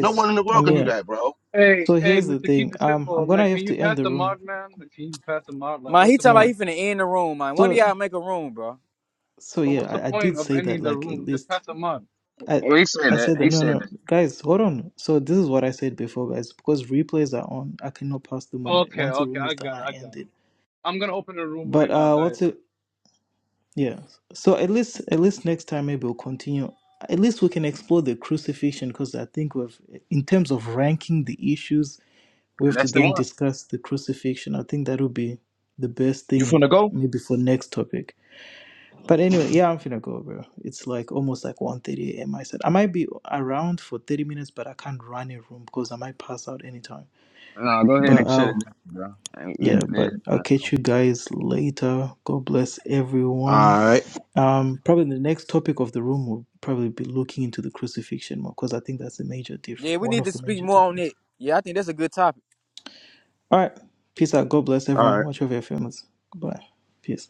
S5: No one in the world
S1: I'm
S5: can do
S1: here.
S5: that, bro.
S7: Hey,
S1: So
S7: hey,
S1: here's the
S7: Mister,
S1: thing.
S7: keep it
S1: Um, I'm
S7: simple, man.
S1: gonna
S7: Can
S1: have
S7: you
S1: to end
S7: pass
S1: the
S7: the
S1: room.
S7: mod, man? Can you pass the mod? Like,
S6: man, he
S7: what's the
S6: talking about he
S7: point?
S1: No.
S6: finna end the room, man. One of
S1: So,
S6: y'all make a room, bro.
S1: so
S7: But
S1: yeah,
S7: what's the
S1: I, I
S7: point
S1: did
S7: of
S1: say that
S7: ending the
S1: like at
S7: room? Just
S1: least
S7: pass them on.
S1: I
S2: Well, he said
S1: I
S2: that.
S1: said that
S2: He
S1: no
S2: said
S1: no
S2: that.
S1: guys hold on. So this is what I said before guys because replays are on. I cannot pass the mod.
S7: Okay,
S1: Once the
S7: okay,
S1: room is
S7: I
S1: done,
S7: got it,
S1: I
S7: I got
S1: end it.
S7: it. I'm gonna open a room right
S1: But
S7: now,
S1: uh, what's
S7: guys.
S1: it? Yeah. So at least at least next time maybe we'll continue. At least we can explore the crucifixion because I think we've in terms of ranking the issues we have to
S2: That's the
S1: then
S2: one.
S1: discuss the crucifixion. I think that would be the best
S3: You
S1: thing
S3: finna go?
S1: maybe for next topic. But anyway, yeah, I'm finna go, bro. It's like almost like one thirty a.m. I said I might be around for 30 minutes, but I can't run a room because I might pass out anytime.
S2: No, go ahead
S1: But
S2: and shut it
S1: I'll
S2: down, bro. And
S1: yeah,
S2: we-
S1: but I'll
S2: they-
S1: catch you guys later. God bless
S3: All
S1: everyone.
S3: right.
S1: Um, probably the next topic of the room will probably be looking into the crucifixion more because I think that's the major diff
S6: Yeah, we
S1: one
S6: need
S1: of
S6: to
S1: the
S6: speak
S1: major
S6: more on
S1: difference.
S6: it. Yeah, I think that's a good topic.
S1: All right, peace out. God bless
S3: All right.
S1: everyone. Watch over your families. Goodbye. Peace.